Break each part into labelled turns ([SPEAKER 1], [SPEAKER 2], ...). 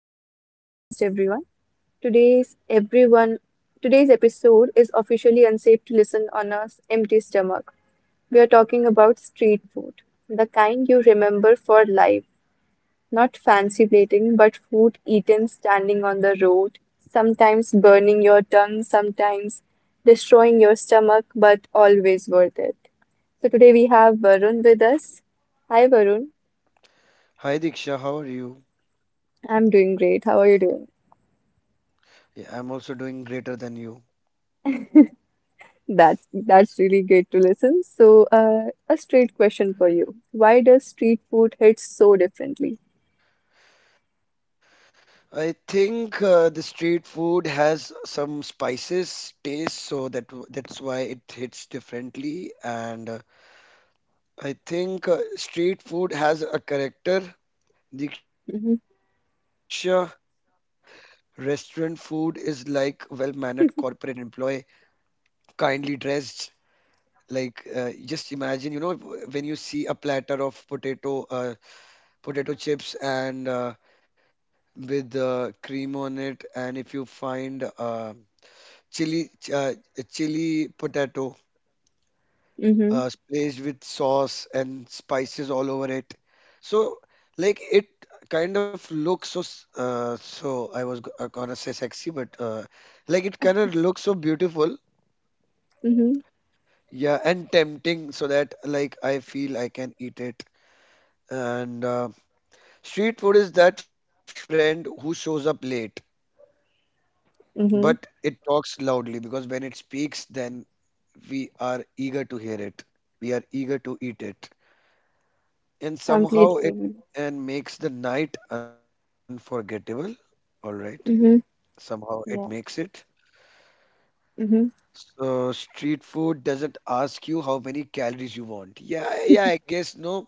[SPEAKER 1] Back to the podcast, everyone. Today's everyone Today's episode is officially unsafe to listen on a empty stomach. We are talking about street food, the kind you remember for life, not fancy plating, but food eaten standing on the road, sometimes burning your tongue, sometimes destroying your stomach, but always worth it. So today we have Varun with us. Hi Varun,
[SPEAKER 2] Hi Diksha, how are you?
[SPEAKER 1] I'm doing great. How are you doing?
[SPEAKER 2] Yeah, I'm also doing greater than you.
[SPEAKER 1] That's really great to listen. So, a straight question for you. Why does street food hit so differently?
[SPEAKER 2] I think the street food has some spices taste, so that's why it hits differently. And I think Street food has a character.
[SPEAKER 1] Mm-hmm.
[SPEAKER 2] Diksha, restaurant food is like well-mannered corporate employee, kindly dressed. Like just imagine, you know, when you see a platter of potato, potato chips and with cream on it, and if you find chili ch- uh, chili potato
[SPEAKER 1] Mm-hmm.
[SPEAKER 2] splashed with sauce and spices all over it, so like it kind of looks so I was gonna say sexy, but like it kind of looks so beautiful,
[SPEAKER 1] Mm-hmm.
[SPEAKER 2] yeah, and tempting, so that like I feel I can eat it. And Street food is that friend who shows up late but
[SPEAKER 1] Mm-hmm.
[SPEAKER 2] it talks loudly because when it speaks then we are eager to hear it. We are eager to eat it. And somehow it
[SPEAKER 1] Completely.
[SPEAKER 2] and makes the night unforgettable. All right.
[SPEAKER 1] Mm-hmm.
[SPEAKER 2] Somehow it makes
[SPEAKER 1] Yeah.
[SPEAKER 2] it.
[SPEAKER 1] Mm-hmm.
[SPEAKER 2] So street food doesn't ask you how many calories you want. Yeah, yeah, I guess no.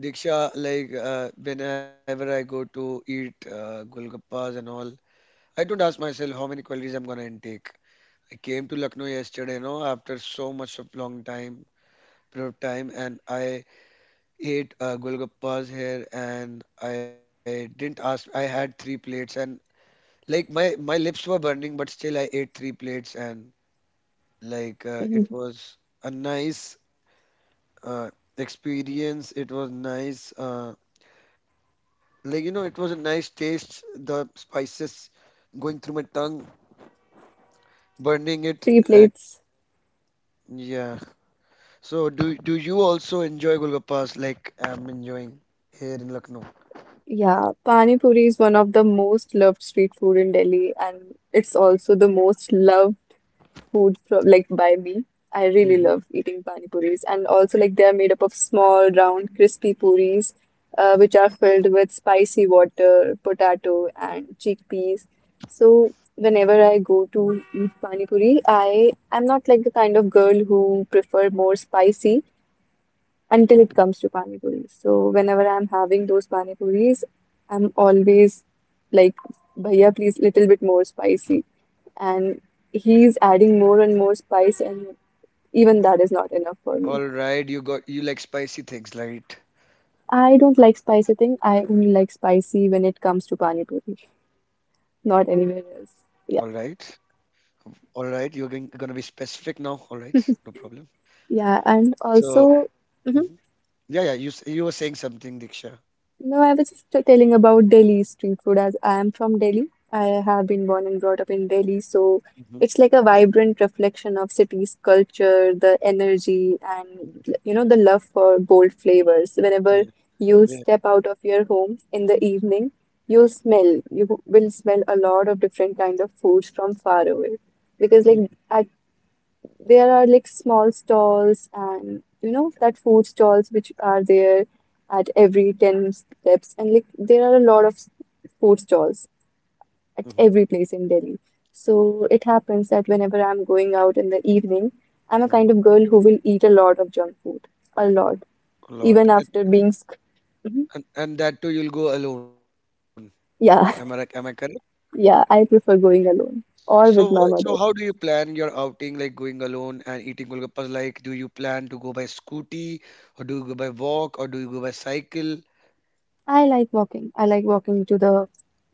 [SPEAKER 2] Diksha, like whenever I go to eat golgappas and all, I don't ask myself how many calories I'm gonna intake. I came to Lucknow yesterday, no, after so much of long time period of time, and I ate golgappas here and I didn't ask. I had three plates and like my lips were burning, but still I ate three plates and like it
[SPEAKER 1] Mm-hmm.
[SPEAKER 2] was a nice uh, experience. It was nice. Like you know, it was a nice taste. The spices going through my tongue, burning it,
[SPEAKER 1] Three
[SPEAKER 2] and
[SPEAKER 1] plates.
[SPEAKER 2] yeah. So do you also enjoy golgappas like I'm enjoying here in Lucknow?
[SPEAKER 1] Yeah. Pani Puri is one of the most loved street food in Delhi, and it's also the most loved food from like by me. I really
[SPEAKER 2] Mhm.
[SPEAKER 1] love eating pani puris, and also like they are made up of small, round, crispy puris, which are filled with spicy water, potato, and chickpeas. So whenever I go to eat pani puri, I am not like the kind of girl who prefer more spicy until it comes to pani puri. So whenever I'm having those pani puris, I'm always like, "Bhaiya, please little bit more spicy," and he's adding more and more spice and even that is not enough for me.
[SPEAKER 2] All right, you like spicy things, right?
[SPEAKER 1] I don't like spicy thing. I only like spicy when it comes to pani puri,
[SPEAKER 2] All right.
[SPEAKER 1] not anywhere else. Yeah.
[SPEAKER 2] All right, you're going gonna be specific now. All right, no problem.
[SPEAKER 1] Yeah, and
[SPEAKER 2] So,
[SPEAKER 1] also
[SPEAKER 2] mhm.
[SPEAKER 1] mhm.
[SPEAKER 2] Yeah, yeah, you were saying something, Diksha.
[SPEAKER 1] No, I was just telling about Delhi street food as I am from Delhi. I have been born and brought up in Delhi, so
[SPEAKER 2] Hmm.
[SPEAKER 1] it's like a vibrant reflection of city's culture, the energy, and the love for bold flavors. Whenever
[SPEAKER 2] Yeah,
[SPEAKER 1] you
[SPEAKER 2] yeah.
[SPEAKER 1] step out of your home in the evening, you'll smell, you will smell a lot of different kinds of foods from far away. Because like
[SPEAKER 2] Mm-hmm.
[SPEAKER 1] I there are like small stalls and that food stalls which are there at every 10 steps and like there are a lot of food stalls
[SPEAKER 2] Mm-hmm,
[SPEAKER 1] at every place in Delhi. So it happens that whenever I'm going out in the evening, I'm a
[SPEAKER 2] mm-hmm.
[SPEAKER 1] kind of girl who will eat a lot of junk food, a lot,
[SPEAKER 2] A lot,
[SPEAKER 1] even
[SPEAKER 2] and,
[SPEAKER 1] after being mhm.
[SPEAKER 2] and that too, you'll go alone. Am I
[SPEAKER 1] Yeah,
[SPEAKER 2] correct?
[SPEAKER 1] yeah, I prefer going alone or
[SPEAKER 2] So,
[SPEAKER 1] with my
[SPEAKER 2] so
[SPEAKER 1] mother.
[SPEAKER 2] how do you plan your outing, like going alone and eating golgappas? Like, do you plan to go by scooty, or do you go by walk, or do you go by cycle?
[SPEAKER 1] I like walking. I like walking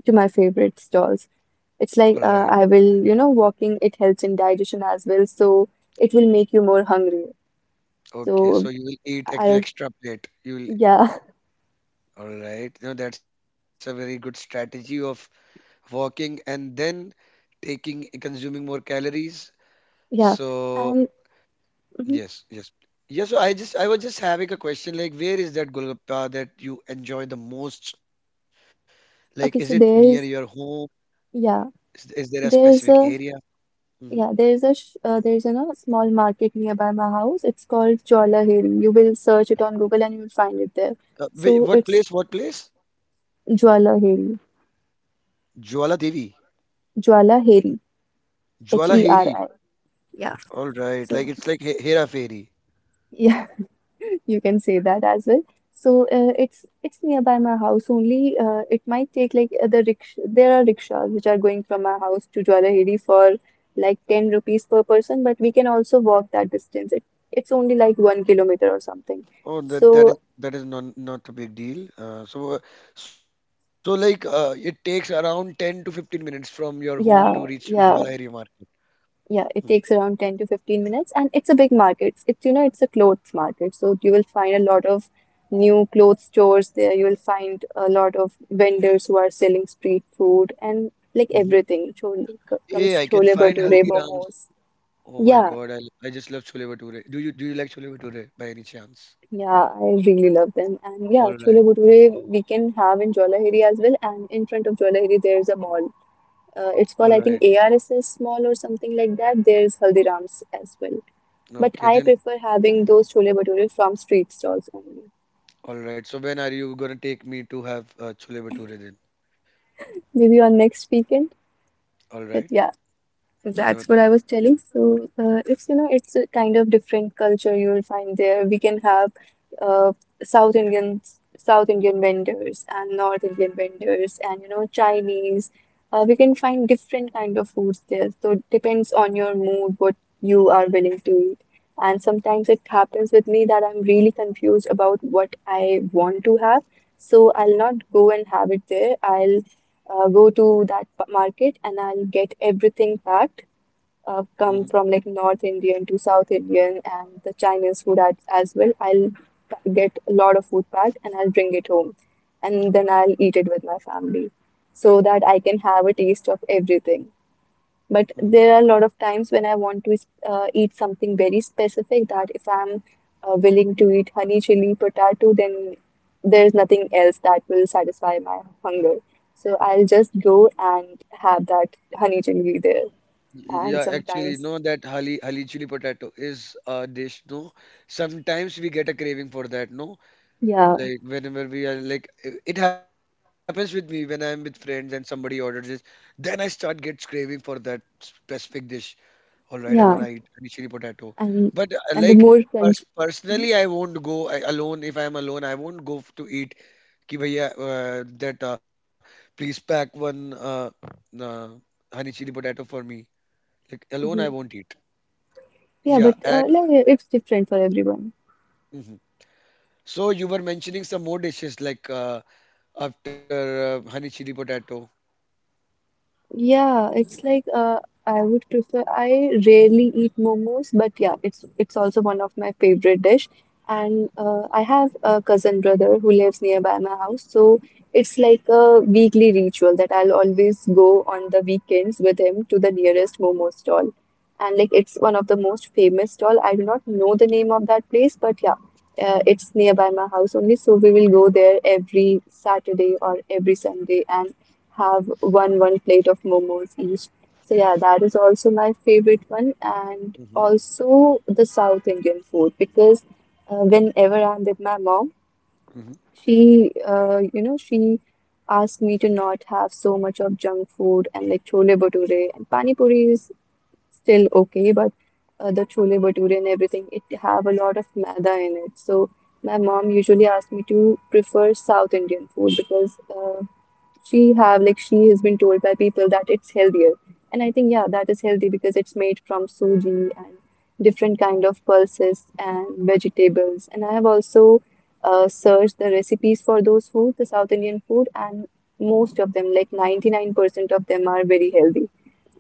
[SPEAKER 1] to my favorite stalls. It's
[SPEAKER 2] All
[SPEAKER 1] like
[SPEAKER 2] right.
[SPEAKER 1] I will, walking, it helps in digestion as well. So it will make you more hungry.
[SPEAKER 2] Okay,
[SPEAKER 1] So
[SPEAKER 2] so you will eat at
[SPEAKER 1] I,
[SPEAKER 2] extra plate. You will,
[SPEAKER 1] yeah,
[SPEAKER 2] all right. No, that's a very good strategy of walking and then taking consuming more calories.
[SPEAKER 1] yeah.
[SPEAKER 2] So
[SPEAKER 1] And mhm.
[SPEAKER 2] yes, yes. Yeah, so I was just having a question like where is that Golgappa that you enjoy the most? Like is it near
[SPEAKER 1] Okay, so
[SPEAKER 2] your home?
[SPEAKER 1] yeah,
[SPEAKER 2] Is there a specific
[SPEAKER 1] there's
[SPEAKER 2] area?
[SPEAKER 1] a,
[SPEAKER 2] Hmm.
[SPEAKER 1] yeah, there's a small market nearby my house. It's called Jwalaheri. You will search it on Google and you'll find it there.
[SPEAKER 2] Wait,
[SPEAKER 1] So
[SPEAKER 2] what
[SPEAKER 1] it's
[SPEAKER 2] place? What place?
[SPEAKER 1] Jwalaheri,
[SPEAKER 2] Jwala Devi.
[SPEAKER 1] Jwalaheri,
[SPEAKER 2] Jwala Heri.
[SPEAKER 1] Heri. Yeah.
[SPEAKER 2] All right.
[SPEAKER 1] So,
[SPEAKER 2] Like it's like Hera Fairy.
[SPEAKER 1] yeah. You can say that as well. So it's nearby my house only. It might take like there are rickshaws which are going from my house to Jwalaheri for like 10 rupees per person, but we can also walk that distance. It's only like 1 kilometer or something. So
[SPEAKER 2] Oh, that is not a big deal. So like it takes around 10 to 15 minutes from your
[SPEAKER 1] yeah,
[SPEAKER 2] home to reach
[SPEAKER 1] yeah.
[SPEAKER 2] Jwalahiri market.
[SPEAKER 1] Yeah, it takes around 10 to 15 minutes and it's a big market. It's, it's a clothes market. So you will find a lot of new clothes stores there. You will find a lot of vendors who are selling street food and like everything.
[SPEAKER 2] Mm-hmm.
[SPEAKER 1] Comes to chole
[SPEAKER 2] Yeah, I can
[SPEAKER 1] bhature,
[SPEAKER 2] find
[SPEAKER 1] momos.
[SPEAKER 2] Haldirams. Oh
[SPEAKER 1] Yeah,
[SPEAKER 2] my God, I just love chole bhature. Do you like chole bhature by any
[SPEAKER 1] yeah,
[SPEAKER 2] chance?
[SPEAKER 1] I really love them. And yeah, chole
[SPEAKER 2] All right,
[SPEAKER 1] bhature we can have in Jawahiri as well. And in front of Jawahiri there's a mall. It's called, I think,
[SPEAKER 2] all right.
[SPEAKER 1] ARSS small or something like that. There's Haldiram's as well. But I
[SPEAKER 2] Okay,
[SPEAKER 1] prefer
[SPEAKER 2] then
[SPEAKER 1] having those chole bhature from street stalls only.
[SPEAKER 2] all right. So when are you gonna take me to have chole bhature then?
[SPEAKER 1] Maybe on next weekend. But
[SPEAKER 2] All
[SPEAKER 1] yeah,
[SPEAKER 2] right,
[SPEAKER 1] that's what I was
[SPEAKER 2] noted.
[SPEAKER 1] telling. So it's it's a kind of different culture you'll find there. We can have uh, South Indian vendors, and North Indian vendors, and Chinese. We can find different kind of foods there. So it depends on your mood what you are willing to eat. And sometimes it happens with me that I'm really confused about what I want to have. So I'll not go and have it there. I'll go to that market and I'll get everything packed,
[SPEAKER 2] Mm-hmm.
[SPEAKER 1] come from like North Indian to South Indian and the Chinese food as well. I'll get a lot of food packed and I'll bring it home and then I'll eat it with my family so that I can have a taste of everything. But
[SPEAKER 2] Mm-hmm.
[SPEAKER 1] there are a lot of times when I want to eat something very specific that if I'm willing to eat honey chili potato, then there's nothing else that will satisfy my hunger. So I'll just go and have that honey chili there.
[SPEAKER 2] Yeah,
[SPEAKER 1] And
[SPEAKER 2] actually, no,
[SPEAKER 1] sometimes
[SPEAKER 2] that hali chili potato is a dish, no. Sometimes we get a craving for that, no.
[SPEAKER 1] yeah,
[SPEAKER 2] Like whenever we are like, it happens with me when I'm with friends and somebody orders this, then I start gets craving for that specific dish. All right, I'm gonna
[SPEAKER 1] yeah,
[SPEAKER 2] eat hali chili potato.
[SPEAKER 1] and
[SPEAKER 2] But
[SPEAKER 1] and the
[SPEAKER 2] like
[SPEAKER 1] more crunch. Mhm,
[SPEAKER 2] personally, I won't go I, alone. If I'm alone, I won't go f- to eat. Ki bhaiya, that please pack one uh, honey chili potato for me. Like alone, I
[SPEAKER 1] mhm.
[SPEAKER 2] won't eat.
[SPEAKER 1] Yeah,
[SPEAKER 2] Yeah,
[SPEAKER 1] but
[SPEAKER 2] and
[SPEAKER 1] like it's different for everyone.
[SPEAKER 2] mhm. So you were mentioning some more dishes like after honey chili potato.
[SPEAKER 1] Yeah, it's like I would prefer. I rarely eat momos, but yeah, it's also one of my favorite dish. And I have a cousin brother who lives nearby my house, so it's like a weekly ritual that I'll always go on the weekends with him to the nearest momo stall. And like it's one of the most famous stall. I do not know the name of that place, but yeah, it's nearby my house only, so we will go there every Saturday or every Sunday, and have one plate of momos each. So yeah, that is also my favorite one, and
[SPEAKER 2] Hmm.
[SPEAKER 1] also the South Indian food because whenever I'm with my mom,
[SPEAKER 2] Hmm.
[SPEAKER 1] she she asks me to not have so much of junk food and like chole bhature and pani puri is still okay, but the chole bhature and everything it have a lot of maida in it. So my mom usually asks me to prefer South Indian food because uh, she have like she has been told by people that it's healthier and I think yeah that is healthy because it's made from suji and different kind of pulses and vegetables and I have also searched the recipes for those food the South Indian food and most of them like 99% of them are very healthy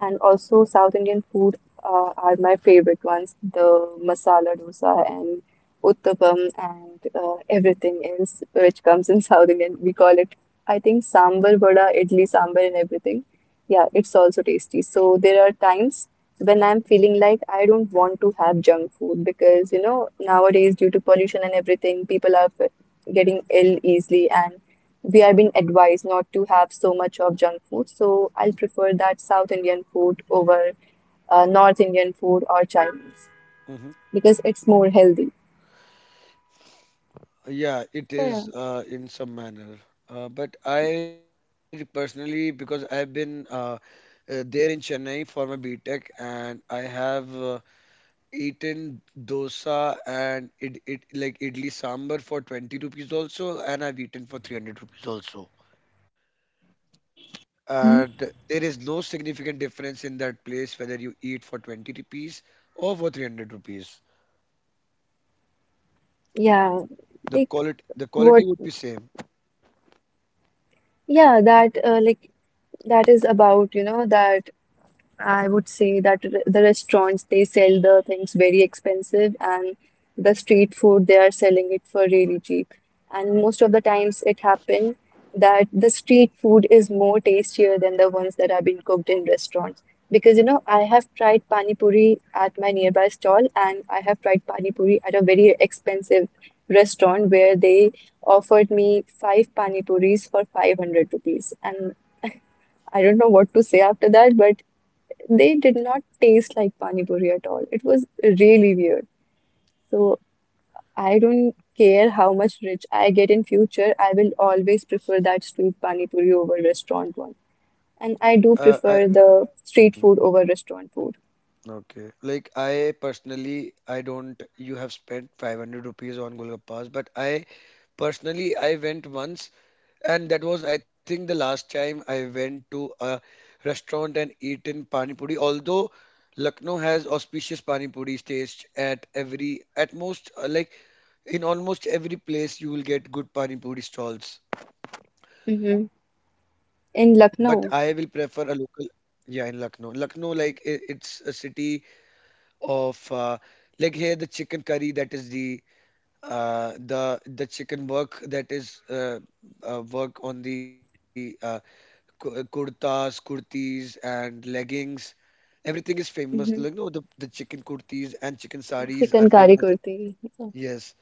[SPEAKER 1] and also South Indian food are my favorite ones, the masala dosa and uttapam and everything else which comes in South Indian. We call it, I think, sambar vada, idli sambar and everything. Yeah, it's also tasty. So there are times when I'm feeling like I don't want to have junk food because, nowadays due to pollution and everything, people are getting ill easily and we are being advised not to have so much of junk food. So I'll prefer that South Indian food over North Indian food or Chinese
[SPEAKER 2] Hmm.
[SPEAKER 1] because it's more healthy.
[SPEAKER 2] Yeah, it
[SPEAKER 1] So yeah,
[SPEAKER 2] is in some manner. But I personally, because I've been there in Chennai for my B Tech, and I have eaten dosa and it like idli sambar for 20 rupees also, and I've eaten for 300 rupees also. And there is no significant difference in that place whether you eat for 20 rupees or for 300 rupees.
[SPEAKER 1] yeah,
[SPEAKER 2] the
[SPEAKER 1] like
[SPEAKER 2] quality the quality
[SPEAKER 1] what?
[SPEAKER 2] would be same.
[SPEAKER 1] Yeah, that like that is about that I would say that the restaurants they sell the things very expensive and the street food they are selling it for really cheap. And most of the times it happen that the street food is more tastier than the ones that have been cooked in restaurants. Because I have tried pani puri at my nearby stall I have tried pani puri at a very expensive restaurant where they offered me five pani puris for 500 rupees. And I don't know what to say after that, but they did not taste like pani puri at all. It was really weird. So I don't care how much rich I get in future, I will always prefer that street pani puri over restaurant one. And I
[SPEAKER 2] I
[SPEAKER 1] do prefer the
[SPEAKER 2] Mhm.
[SPEAKER 1] street food over restaurant food.
[SPEAKER 2] Okay, like I personally, I don't, you have spent 500 rupees on golgappas, but I personally I went once and that was I think the last time I went to a restaurant and eaten pani puri, although Lucknow has auspicious pani puri taste at every at most like in almost every place, you will get good pani puri stalls,
[SPEAKER 1] Hmm.
[SPEAKER 2] but I will prefer
[SPEAKER 1] In
[SPEAKER 2] a local.
[SPEAKER 1] Lucknow,
[SPEAKER 2] Yeah, in Lucknow. Lucknow, like I it's a city of like here the chicken curry, that is the chicken work, that is work on the kurtas, kurtis, and leggings. Everything is famous. Like
[SPEAKER 1] hmm,
[SPEAKER 2] no, the chicken kurtis and chicken saris are
[SPEAKER 1] chicken kari
[SPEAKER 2] famous.
[SPEAKER 1] kurti. So,
[SPEAKER 2] Yes.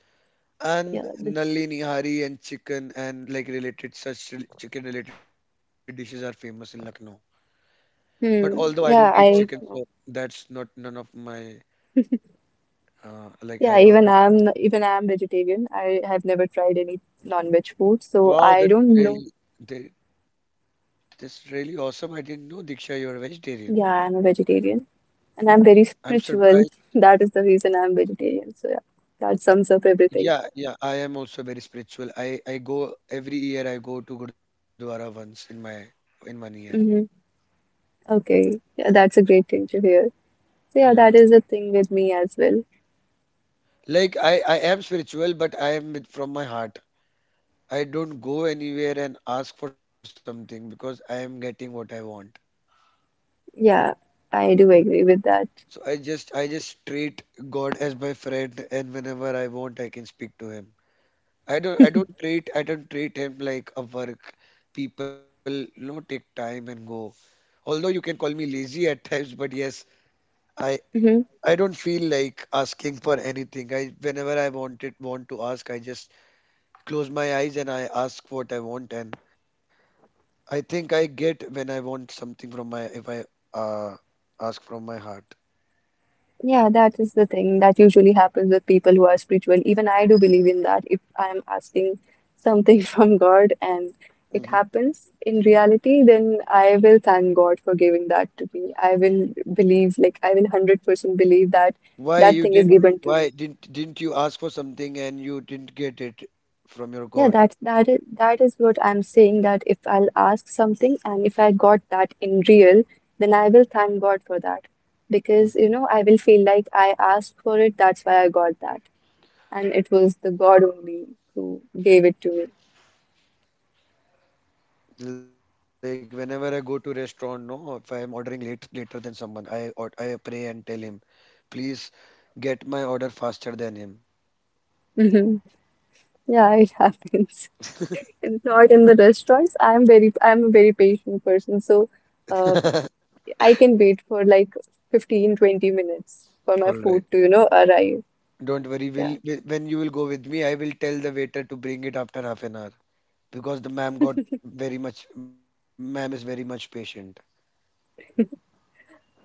[SPEAKER 1] yeah,
[SPEAKER 2] And
[SPEAKER 1] the,
[SPEAKER 2] Nalini nihari and chicken and like related such chicken related dishes are famous in Lucknow. But although I don't
[SPEAKER 1] hmm,
[SPEAKER 2] eat
[SPEAKER 1] yeah,
[SPEAKER 2] chicken,
[SPEAKER 1] I
[SPEAKER 2] so
[SPEAKER 1] know.
[SPEAKER 2] that's not none of my like I
[SPEAKER 1] Yeah,
[SPEAKER 2] don't
[SPEAKER 1] even
[SPEAKER 2] like.
[SPEAKER 1] I'm even I'm vegetarian. I have never tried any non-veg food, so
[SPEAKER 2] Wow,
[SPEAKER 1] I
[SPEAKER 2] that's
[SPEAKER 1] don't know.
[SPEAKER 2] really that's really awesome. I didn't know, Diksha, you're a vegetarian.
[SPEAKER 1] Yeah, I'm a vegetarian.
[SPEAKER 2] I'm
[SPEAKER 1] And I'm very
[SPEAKER 2] surprised.
[SPEAKER 1] spiritual. That is the reason I'm vegetarian. So yeah, that sums up
[SPEAKER 2] Yeah,
[SPEAKER 1] everything.
[SPEAKER 2] yeah, I am also very spiritual. I go every year. I go to Gurdwara once in my in 1 year.
[SPEAKER 1] Hmm. Okay. Yeah, that's a great thing to hear. So yeah,
[SPEAKER 2] Yeah,
[SPEAKER 1] that is the thing with me as well.
[SPEAKER 2] like I am spiritual, but I am with from my heart. I don't go anywhere and ask for something because I am getting what I want.
[SPEAKER 1] Yeah, I do agree with that.
[SPEAKER 2] So I just treat God as my friend, and whenever I want I can speak to him. I don't treat him like a work. People you know take time and go. Although you can call me lazy at times, but yes, I
[SPEAKER 1] Hmm.
[SPEAKER 2] don't feel like asking for anything. I whenever I want to ask, I just close my eyes and I ask what I want, and I think I get when I want something from my, if I uh ask from my heart.
[SPEAKER 1] Yeah, that is the thing that usually happens with people who are spiritual. Even I do believe in that. If I'm asking something from God and it
[SPEAKER 2] Hmm.
[SPEAKER 1] happens in reality, then I will thank God for giving that to me. I will believe, like I will 100% believe that
[SPEAKER 2] Why
[SPEAKER 1] that
[SPEAKER 2] you
[SPEAKER 1] thing is
[SPEAKER 2] didn't,
[SPEAKER 1] given to me.
[SPEAKER 2] why didn't you ask for something and you didn't get it from your
[SPEAKER 1] Yeah,
[SPEAKER 2] God?
[SPEAKER 1] that's that is what I'm saying that if I'll ask something and if I got that in real, then I will thank God for that. Because,
[SPEAKER 2] Mhm.
[SPEAKER 1] I will feel like I asked for it, that's why I got that. And it was the God only who gave it to me.
[SPEAKER 2] Like whenever I go to restaurant, no, if I am ordering late later than someone, I or I pray and tell him, please get my order faster than him.
[SPEAKER 1] Mhm. Yeah, it happens. And not in the restaurants. I'm a very patient person, so uh, I can wait for like 15, 20 minutes for my
[SPEAKER 2] All
[SPEAKER 1] food
[SPEAKER 2] right.
[SPEAKER 1] to, arrive.
[SPEAKER 2] Don't worry,
[SPEAKER 1] Yeah,
[SPEAKER 2] when you will go with me, I will tell the waiter to bring it after half an hour. Because the ma'am got very much ma'am is very much patient.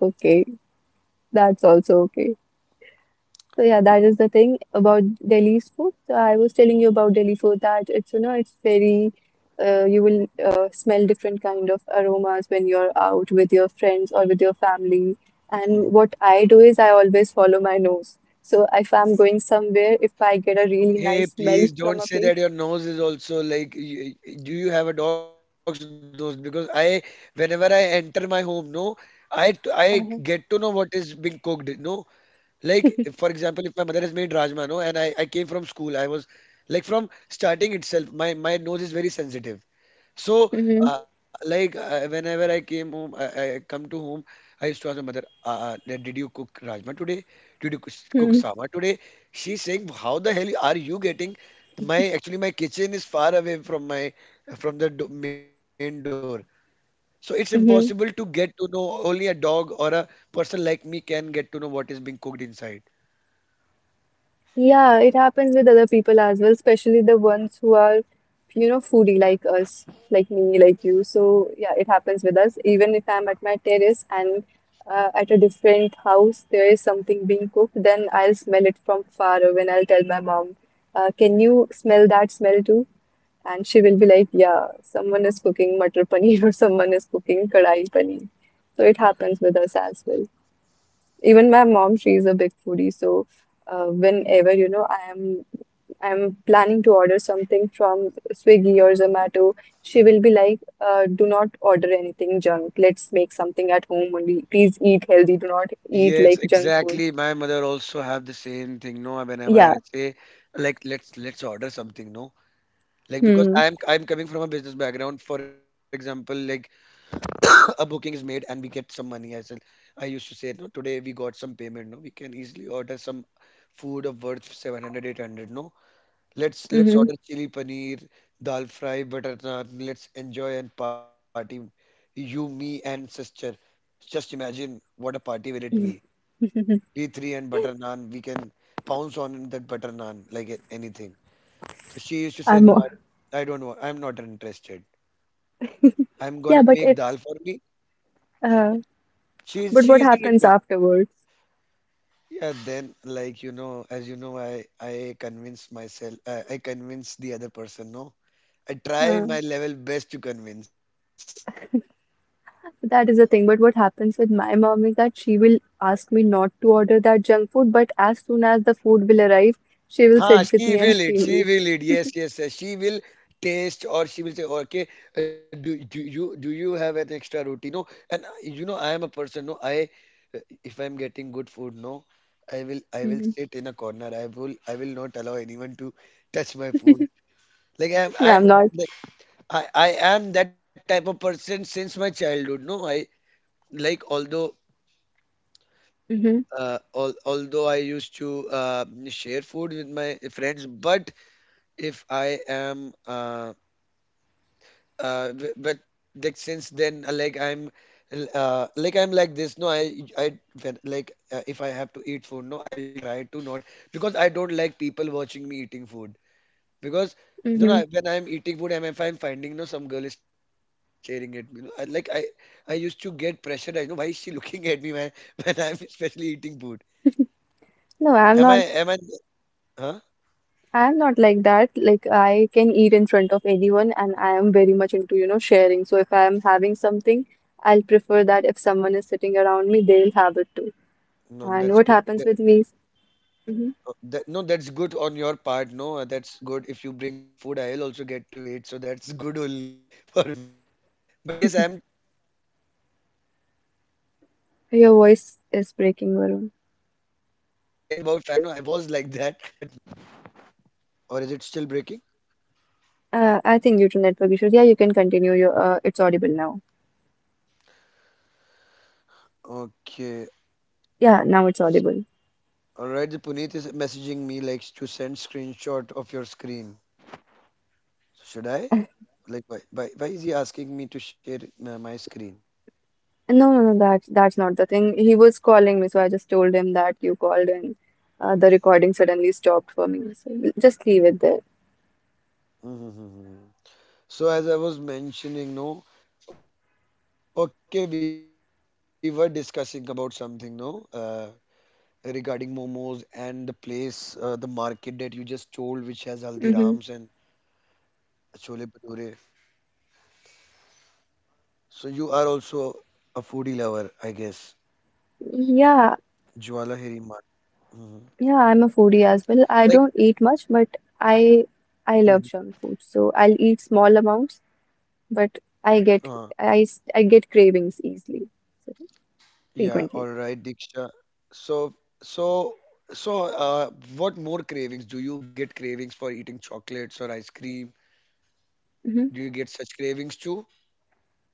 [SPEAKER 1] okay. That's also okay. So yeah, that is the thing about Delhi's food. So I was telling you about Delhi food that it's it's very you will smell different kind of aromas when you're out with your friends or with your family.
[SPEAKER 2] Mhm.
[SPEAKER 1] And what I do is I always follow my nose. So if I'm going somewhere, if I get a really
[SPEAKER 2] Hey,
[SPEAKER 1] nice smell
[SPEAKER 2] please don't
[SPEAKER 1] from a
[SPEAKER 2] say
[SPEAKER 1] place,
[SPEAKER 2] that your nose is also like. Do you have a dog's nose? Because I, whenever I enter my home, no, I
[SPEAKER 1] uh,
[SPEAKER 2] get to know what is being cooked. No, like for example, if my mother has made rajma, no, and I came from school, I was like from starting itself, my nose is very sensitive. So,
[SPEAKER 1] hmm
[SPEAKER 2] whenever I came home, I used to ask my mother, "Did you cook rajma today? Did you cook sambar today?" She's saying, "How the hell are you getting?" My actually my kitchen is far away from my from the do main door, so it's impossible to get
[SPEAKER 1] hmm
[SPEAKER 2] to know. Only a dog or a person like me can get to know what is being cooked inside.
[SPEAKER 1] yeah, it happens with other people as well, especially the ones who are, you know, foodie like us, like me, like you. So, yeah, it happens with us. Even if I'm at my terrace and at a different house, there is something being cooked, then I'll smell it from far away and I'll tell my mom, can you smell that smell too? And she will be like, yeah, someone is cooking matar paneer or someone is cooking kadai paneer. So it happens with us as well. Even my mom, she's a big foodie, so whenever I'm planning to order something from Swiggy or Zomato, she
[SPEAKER 2] Mhm.
[SPEAKER 1] will be like, do not order anything junk. Let's make something at home only. Please eat healthy. Do not eat
[SPEAKER 2] Yes,
[SPEAKER 1] like junk food.
[SPEAKER 2] exactly. My mother also have the same thing. No, whenever I
[SPEAKER 1] Yeah.
[SPEAKER 2] say like let's order something, no. Like because
[SPEAKER 1] Hmm.
[SPEAKER 2] I'm coming from a business background. For example, like a booking is made and we get some money. I used to say, no, today we got some payment. No, we can easily order some food of worth 700 800. No, let's
[SPEAKER 1] Mm-hmm.
[SPEAKER 2] order chili paneer, dal fry, butter naan. Let's enjoy and party. You, me, and sister. Just imagine what a party will it be. We three and butter naan. We can pounce on that butter naan like anything. So she used to say,
[SPEAKER 1] I'm
[SPEAKER 2] no,
[SPEAKER 1] o-
[SPEAKER 2] I don't want. I'm not interested. I'm gonna make
[SPEAKER 1] yeah,
[SPEAKER 2] dal
[SPEAKER 1] but
[SPEAKER 2] for
[SPEAKER 1] it
[SPEAKER 2] me.
[SPEAKER 1] uh,
[SPEAKER 2] She
[SPEAKER 1] but
[SPEAKER 2] she
[SPEAKER 1] what
[SPEAKER 2] isn't
[SPEAKER 1] happens
[SPEAKER 2] interested.
[SPEAKER 1] afterwards?
[SPEAKER 2] Yeah, then like you know, as you know, I convince the other person. No, I try
[SPEAKER 1] Uh,
[SPEAKER 2] my level best to convince.
[SPEAKER 1] that is the thing. But what happens with my mom is that she will ask me not to order that junk food, but as soon as the food will arrive, she will
[SPEAKER 2] Ha,
[SPEAKER 1] sit with
[SPEAKER 2] she
[SPEAKER 1] me and
[SPEAKER 2] will eat.
[SPEAKER 1] she'll
[SPEAKER 2] She
[SPEAKER 1] eat.
[SPEAKER 2] will eat. Yes, yes, yes. She will taste, or she will say, okay, do you have an extra roti? No, and you know, I am a person. No, I uh, if I'm getting good food, no, I will
[SPEAKER 1] hmm
[SPEAKER 2] sit in a corner. I will not allow anyone to touch my food. Like I'm
[SPEAKER 1] No,
[SPEAKER 2] I'm
[SPEAKER 1] I'm not.
[SPEAKER 2] I am that type of person since my childhood. No, I like
[SPEAKER 1] hmm
[SPEAKER 2] although I used to share food with my friends, but if I am b- but like since then, like I'm l- like I'm like this. No, I when, like if I have to eat food, no, I'll try to not because I don't like people watching me eating food. Because you know,
[SPEAKER 1] hmm
[SPEAKER 2] when I'm eating food and if I'm finding you know, some girl is staring at me, you know, I used to get pressurized. You know, why is she looking at me when, when I'm especially eating food? Am I,
[SPEAKER 1] No,
[SPEAKER 2] am I,
[SPEAKER 1] I'm not.
[SPEAKER 2] huh?
[SPEAKER 1] I'm not like that. Like I can eat in front of anyone, and I am very much into, sharing. So if I am having something, I'll prefer that if someone is sitting around me, they'll have it too.
[SPEAKER 2] No,
[SPEAKER 1] And
[SPEAKER 2] that's
[SPEAKER 1] what
[SPEAKER 2] good.
[SPEAKER 1] happens with me is, Mhm.
[SPEAKER 2] No, that's good on your part. No, that's good. If you bring good food, I'll also get to eat. So that's good only for me. But yes, I'm telling about a fact. No, I was like that. But
[SPEAKER 1] Your
[SPEAKER 2] now,
[SPEAKER 1] voice is
[SPEAKER 2] if I-
[SPEAKER 1] breaking, Varun.
[SPEAKER 2] all right, now is my voice audible or is it still breaking?
[SPEAKER 1] I think due to network issues. Yeah, you can continue. Your It's audible now.
[SPEAKER 2] Okay.
[SPEAKER 1] Yeah, now it's audible.
[SPEAKER 2] Alright, Puneet is messaging me like to send screenshot of your screen. So, should I? Like, why is he asking me to share my screen?
[SPEAKER 1] No, no, no. That's not the thing. He was calling me, so I just told him that you called, and the recording suddenly stopped for me. So just leave it there.
[SPEAKER 2] Mm-hmm. So as I was mentioning, no, okay, we were discussing about something, no, regarding momos and the place, the market that you just told, which has Haldirams and
[SPEAKER 1] Mhm.
[SPEAKER 2] Chole Bhature. So you are also a foodie lover, I guess.
[SPEAKER 1] Yeah,
[SPEAKER 2] Jwalahiri Mart. Hmm
[SPEAKER 1] yeah, I'm a foodie as
[SPEAKER 2] Like,
[SPEAKER 1] well. I don't eat much, but I
[SPEAKER 2] mhm.
[SPEAKER 1] I love junk food. So I'll eat small amounts, but I
[SPEAKER 2] Uh,
[SPEAKER 1] get I get cravings easily, so
[SPEAKER 2] yeah, all
[SPEAKER 1] frequently.
[SPEAKER 2] right, Diksha. So, so, so, uh, what more cravings? Do you get cravings for eating chocolates or ice cream?
[SPEAKER 1] hmm
[SPEAKER 2] Do you get such cravings too?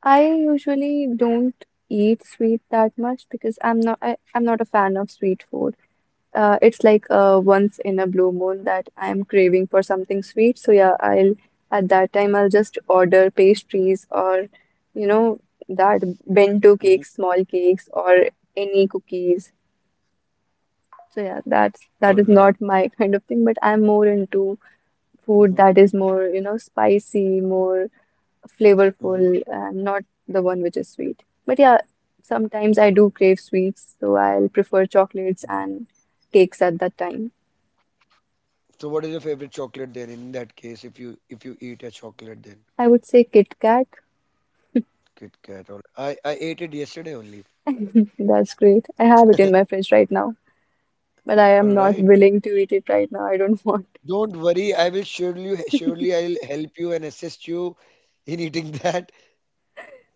[SPEAKER 1] I usually don't eat sweet that much because I'm not a fan of sweet food. It's like once in a blue moon that I'm craving for something sweet. So yeah, I'll at that time I'll just order pastries or you know that
[SPEAKER 2] Mm-hmm.
[SPEAKER 1] bento cakes, small cakes or any cookies. So yeah,
[SPEAKER 2] All
[SPEAKER 1] that is
[SPEAKER 2] right.
[SPEAKER 1] not my kind of thing, but I'm more into
[SPEAKER 2] Mm-hmm.
[SPEAKER 1] food that is more spicy, more
[SPEAKER 2] Mm-hmm.
[SPEAKER 1] flavorful, and not the one which is sweet. But yeah,
[SPEAKER 2] All right.
[SPEAKER 1] sometimes I do crave sweets, so I'll prefer
[SPEAKER 2] Mhm.
[SPEAKER 1] chocolates and cakes at that time.
[SPEAKER 2] So, what is your favorite chocolate then? In that case, if you eat a chocolate, then
[SPEAKER 1] I would say Kit Kat.
[SPEAKER 2] Kit Kat. All I ate it yesterday only.
[SPEAKER 1] That's great. I have it in my fridge right now, but I
[SPEAKER 2] All
[SPEAKER 1] am not
[SPEAKER 2] right.
[SPEAKER 1] willing to eat it right now. I don't want.
[SPEAKER 2] Don't worry. I will surely I'll help you and assist you in eating that.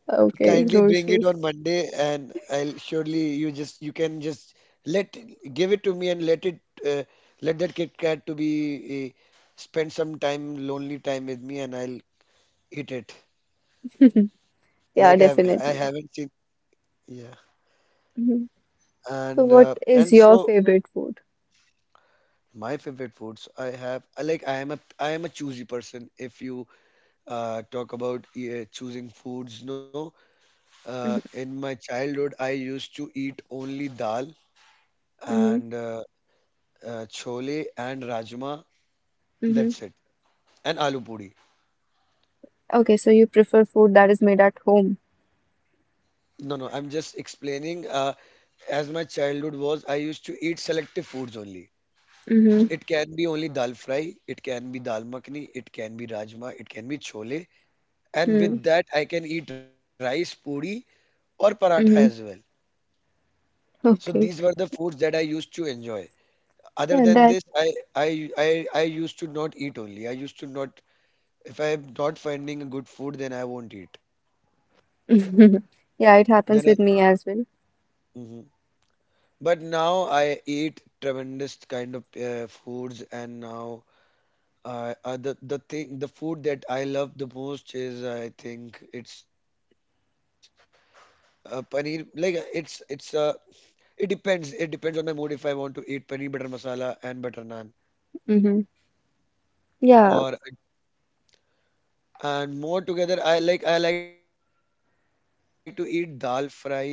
[SPEAKER 1] Okay,
[SPEAKER 2] Kindly
[SPEAKER 1] no
[SPEAKER 2] bring it
[SPEAKER 1] issues.
[SPEAKER 2] on Monday, and I'll surely you just you can just let give it to me and let it uh, let that Kit Kat to be uh, spend some time lonely time with me, and I'll eat it. Like
[SPEAKER 1] Yeah,
[SPEAKER 2] I've I
[SPEAKER 1] definitely.
[SPEAKER 2] haven't seen yeah,
[SPEAKER 1] Mhm. So, what is
[SPEAKER 2] and
[SPEAKER 1] your
[SPEAKER 2] so
[SPEAKER 1] favorite food?
[SPEAKER 2] my favorite foods I I am a choosy person. If you talk about choosing foods, no,
[SPEAKER 1] hmm
[SPEAKER 2] in my childhood I used to eat only dal
[SPEAKER 1] hmm
[SPEAKER 2] and. Chole and rajma.
[SPEAKER 1] hmm
[SPEAKER 2] That's it. And aloo puri.
[SPEAKER 1] Okay, so you prefer food that is made at home.
[SPEAKER 2] No, no, I'm just explaining. As my childhood was, I used to eat selective foods only. So
[SPEAKER 1] hmm
[SPEAKER 2] it can be only dal fry, it can be dal makhani, it can be rajma, it can be chole. And
[SPEAKER 1] Mm-hmm.
[SPEAKER 2] with that, I can eat rice, puri, or paratha as well.
[SPEAKER 1] Mm-hmm.
[SPEAKER 2] So these
[SPEAKER 1] Okay.
[SPEAKER 2] were the foods that I used to enjoy. Other
[SPEAKER 1] Yeah,
[SPEAKER 2] than
[SPEAKER 1] that.
[SPEAKER 2] this, I used to not eat only. I used to not, if I'm not finding a good food, then I won't eat.
[SPEAKER 1] Yeah, it
[SPEAKER 2] Then I,
[SPEAKER 1] happens with me as well.
[SPEAKER 2] mhm. But now I eat tremendous kind of foods, and now the food that I love the most is I think it's paneer. Like it depends. It depends on my mood if I want to eat paneer butter masala and butter naan
[SPEAKER 1] hmm Yeah.
[SPEAKER 2] or and more together. I like to eat dal fry and butter naan as well.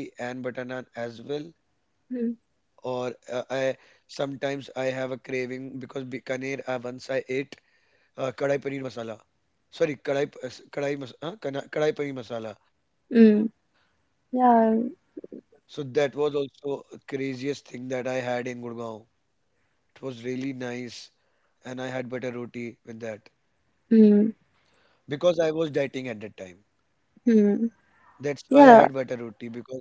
[SPEAKER 2] Or
[SPEAKER 1] mm
[SPEAKER 2] I sometimes I have a craving because Bikaner once I ate kadai paneer masala. Sorry, kadai, p- s- kadai, mas- huh? Kana- kadai paneer masala.
[SPEAKER 1] Mm.
[SPEAKER 2] So
[SPEAKER 1] Yeah.
[SPEAKER 2] that was also a craziest thing that I had in Gurgaon. It was really nice, and I had butter roti with that
[SPEAKER 1] mm
[SPEAKER 2] because I was dieting at that time.
[SPEAKER 1] Mm.
[SPEAKER 2] That's why I had
[SPEAKER 1] Yeah,
[SPEAKER 2] butter roti because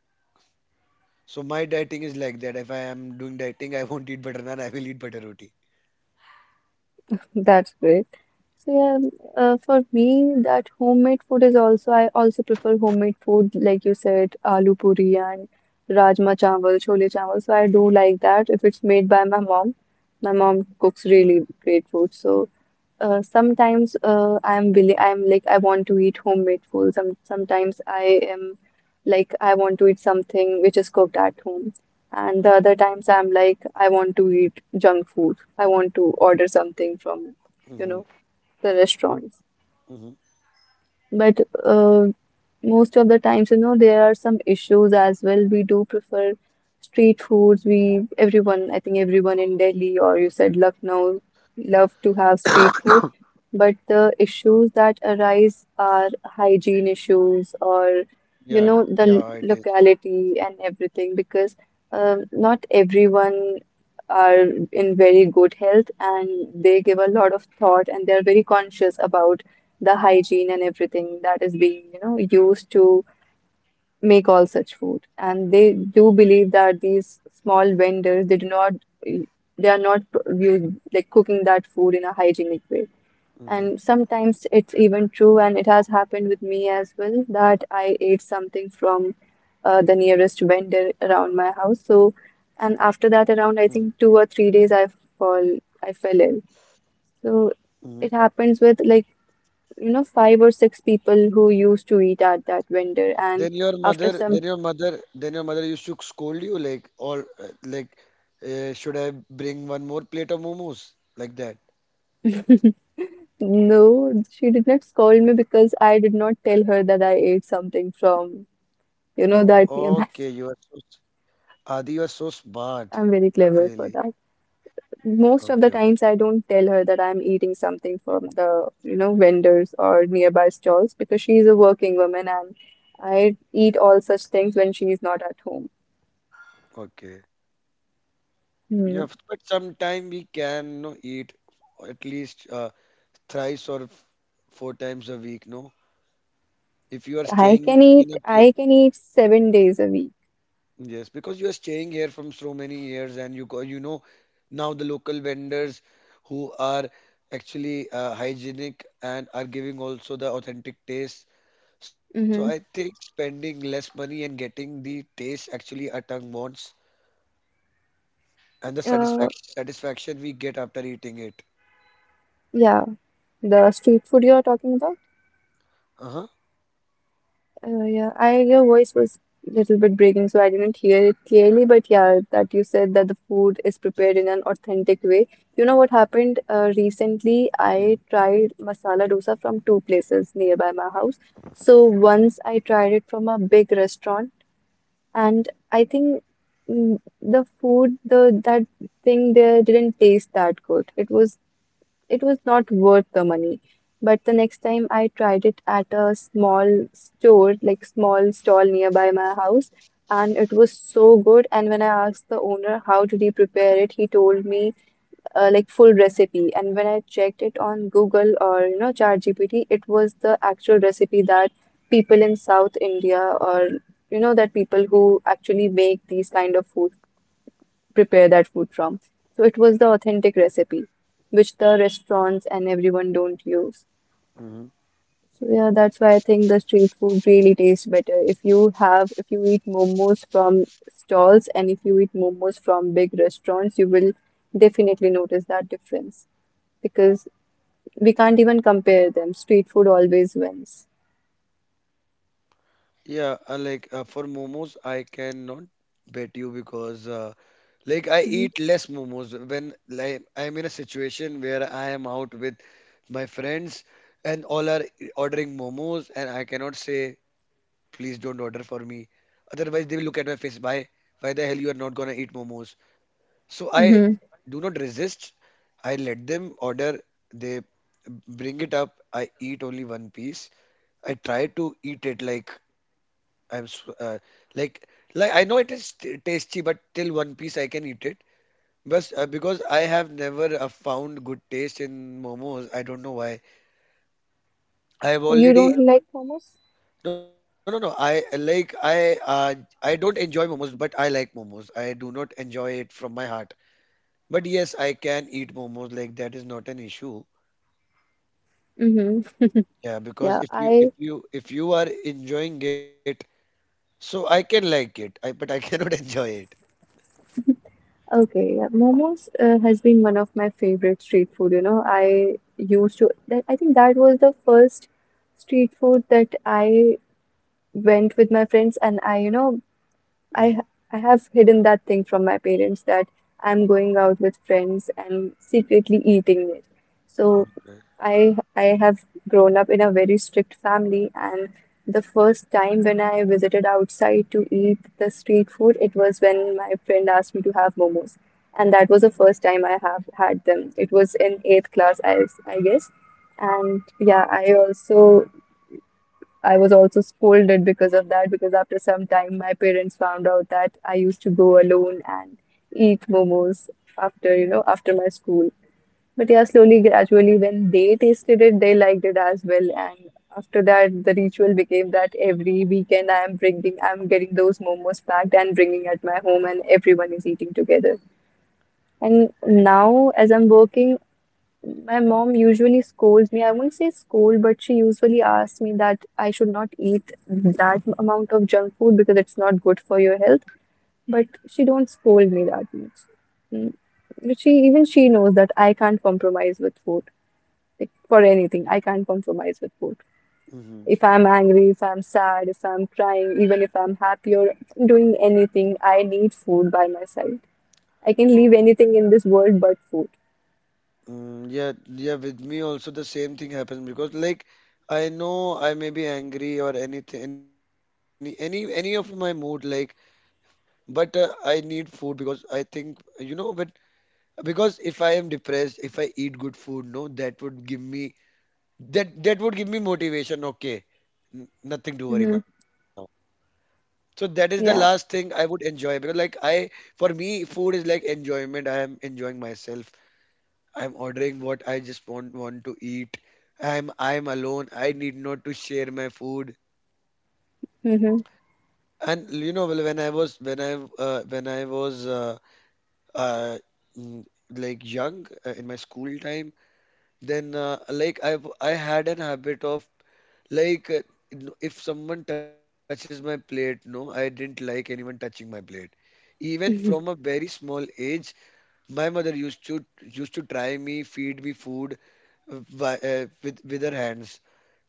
[SPEAKER 2] so my dieting is like that. If I am doing dieting, I won't eat butter naan. I will eat butter roti.
[SPEAKER 1] that's great. So yeah, for me, that homemade food is also I also prefer homemade food like you said, aloo puri and rajma chawal, chole chawal. So I do like that if it's made by my mom. My mom cooks really great food. So sometimes I'm like I want to eat homemade food. Sometimes I am like I want to eat something which is cooked at home. And the other times I'm like I want to eat junk food. I want to order something from you know
[SPEAKER 2] Hmm
[SPEAKER 1] the restaurants.
[SPEAKER 2] hmm
[SPEAKER 1] But most of the times, you know, there are some issues as well. We do prefer street foods. Everyone, I think everyone in Delhi or you said Lucknow, love to have street food. But the issues that arise are hygiene issues or,
[SPEAKER 2] Yeah,
[SPEAKER 1] you know,
[SPEAKER 2] yeah,
[SPEAKER 1] the
[SPEAKER 2] it is.
[SPEAKER 1] locality and everything because not everyone are in very good health and they give a lot of thought and they're very conscious about the hygiene and everything that is being, you know, used to make all such food. And they do believe that these small vendors, they are not like cooking that food in a hygienic way. And
[SPEAKER 2] Mm-hmm.
[SPEAKER 1] sometimes it's even true, and it has happened with me as well, that I ate something from the nearest vendor around my house. So, and after
[SPEAKER 2] Mm-hmm.
[SPEAKER 1] that, around I think 2 or 3 days, fall, I fell ill. So
[SPEAKER 2] Mm-hmm.
[SPEAKER 1] it happens with like you know, five or six people who used to eat at that vendor.
[SPEAKER 2] Then your
[SPEAKER 1] After
[SPEAKER 2] mother,
[SPEAKER 1] some,
[SPEAKER 2] then your mother, then your mother used to scold you like, or like, should I bring one more plate of momos? Like that.
[SPEAKER 1] no, she did not scold me because I did not tell her that I ate something from, you know,
[SPEAKER 2] Okay,
[SPEAKER 1] that
[SPEAKER 2] you are so,
[SPEAKER 1] nearby.
[SPEAKER 2] s- Adi, you are so smart,
[SPEAKER 1] I'm very
[SPEAKER 2] really.
[SPEAKER 1] clever for that.
[SPEAKER 2] Okay,
[SPEAKER 1] Most
[SPEAKER 2] okay,
[SPEAKER 1] of the times, I don't tell her that I'm eating something from the, you know, vendors or nearby stalls because she's a working woman and I eat all such things when she's not at home.
[SPEAKER 2] okay. Yeah,
[SPEAKER 1] Hmm.
[SPEAKER 2] but sometime we can no, eat at least thrice or 4 times a week, no? If you are staying in a
[SPEAKER 1] I can eat 7 days a week.
[SPEAKER 2] yes, because you are staying here from so many years, and you go, you know now the local vendors who are actually hygienic and are giving also the authentic taste. So I
[SPEAKER 1] hmm
[SPEAKER 2] think spending less money and getting the taste actually our tongue wants, and the
[SPEAKER 1] Uh,
[SPEAKER 2] satisfaction we get after eating it.
[SPEAKER 1] yeah. The street food you're talking about?
[SPEAKER 2] Uh-huh.
[SPEAKER 1] Yeah, I your voice was a little bit breaking, so I didn't hear it clearly. But yeah, that you said that the food is prepared in an authentic way. You know what happened recently? I tried masala dosa from two places nearby my house. So once I tried it from a big restaurant, and I think the that thing there didn't taste that good. It was not worth the money. But the next time I tried it at a small store, like small stall nearby my house, and it was so good. And when I asked the owner how did he prepare it, he told me like full recipe. And when I checked it on Google or ChatGPT, it was the actual recipe that people in South India or you know that people who actually make these kind of food prepare that food from. So it was the authentic recipe, which the restaurants and everyone don't use.
[SPEAKER 2] Mm-hmm.
[SPEAKER 1] So yeah, that's why I think the street food really tastes better. If you eat momos from stalls and if you eat momos from big restaurants, you will definitely notice that difference because we can't even compare them. Street food always wins.
[SPEAKER 2] Yeah, for momos, I cannot bet you because. Like I
[SPEAKER 1] Mm-hmm.
[SPEAKER 2] eat less momos when I'm in a situation where I am out with my friends and all are ordering momos and I cannot say please don't order for me. Otherwise they will look at my face why the hell you are not gonna eat momos. So I
[SPEAKER 1] Mm-hmm.
[SPEAKER 2] do not resist. I let them order. They bring it up. I eat only one piece. I try to eat it like I'm s- like like I know it is tasty, but till one piece I can eat it but because I have never found good taste in momos, I don't know why. I
[SPEAKER 1] You
[SPEAKER 2] have
[SPEAKER 1] don't like
[SPEAKER 2] already
[SPEAKER 1] momos?
[SPEAKER 2] no no no. I like I don't enjoy momos, but I like momos. I do not enjoy it from my heart. But yes, I can eat momos. Like that is not an issue.
[SPEAKER 1] Mm-hmm.
[SPEAKER 2] Yeah, because
[SPEAKER 1] Yeah,
[SPEAKER 2] if you if
[SPEAKER 1] I
[SPEAKER 2] you if you are enjoying it, so I can like it. I but I cannot enjoy it.
[SPEAKER 1] Okay, yeah, momos has been one of my favorite street food. I think that was the first street food that I went with my friends and I, you know, I ha-
[SPEAKER 2] Mm-hmm.
[SPEAKER 1] I have hidden that thing from my parents that I'm going out with friends and secretly eating it. So
[SPEAKER 2] Okay.
[SPEAKER 1] I have grown up in a very strict family, and the first time when I visited outside to eat the street food, it was when my friend asked me to have momos, and that was the first time I have had them. It was in eighth class, I guess, and yeah, I was also scolded because of that because after some time my parents found out that I used to go alone and eat momos after after my school. But yeah, slowly, gradually, when they tasted it, they liked it as well. And after that, the ritual became that every weekend I'm getting those momos packed and bringing at my home, and everyone is eating together. And now, as I'm working, my mom usually scolds me. I won't say scold, but she usually asks me that I should not eat that amount of junk food because it's not good for your health. But she don't scold me that much. Mm. But she knows that I can't compromise with food. Like for anything, I can't compromise with food.
[SPEAKER 2] Mhm.
[SPEAKER 1] If I'm angry, if I'm sad, if I'm crying, even if I'm happy or if I'm doing anything, I need food by my side. I can leave anything in this world but food.
[SPEAKER 2] Mm, yeah, yeah, with me also the same thing happens because like I know I may be angry or anything, any of my mood like, but I need food because I think you know, but because if I am depressed, if I eat good food, no, that would give me motivation. Okay, nothing to worry
[SPEAKER 1] hmm
[SPEAKER 2] now. So that is the last thing I
[SPEAKER 1] Yeah.
[SPEAKER 2] would enjoy because for me, food is like enjoyment. I am enjoying myself. I'm ordering what I just want to eat. I'm alone. I need not to share my food.
[SPEAKER 1] hmm
[SPEAKER 2] And you know, well, when I was uh, mm, like young in my school time, then I had an habit of like uh, if someone touches my plate, no, I didn't like anyone touching my plate. Even from a
[SPEAKER 1] hmm
[SPEAKER 2] very small age, my mother used to try me, feed me food with her hands.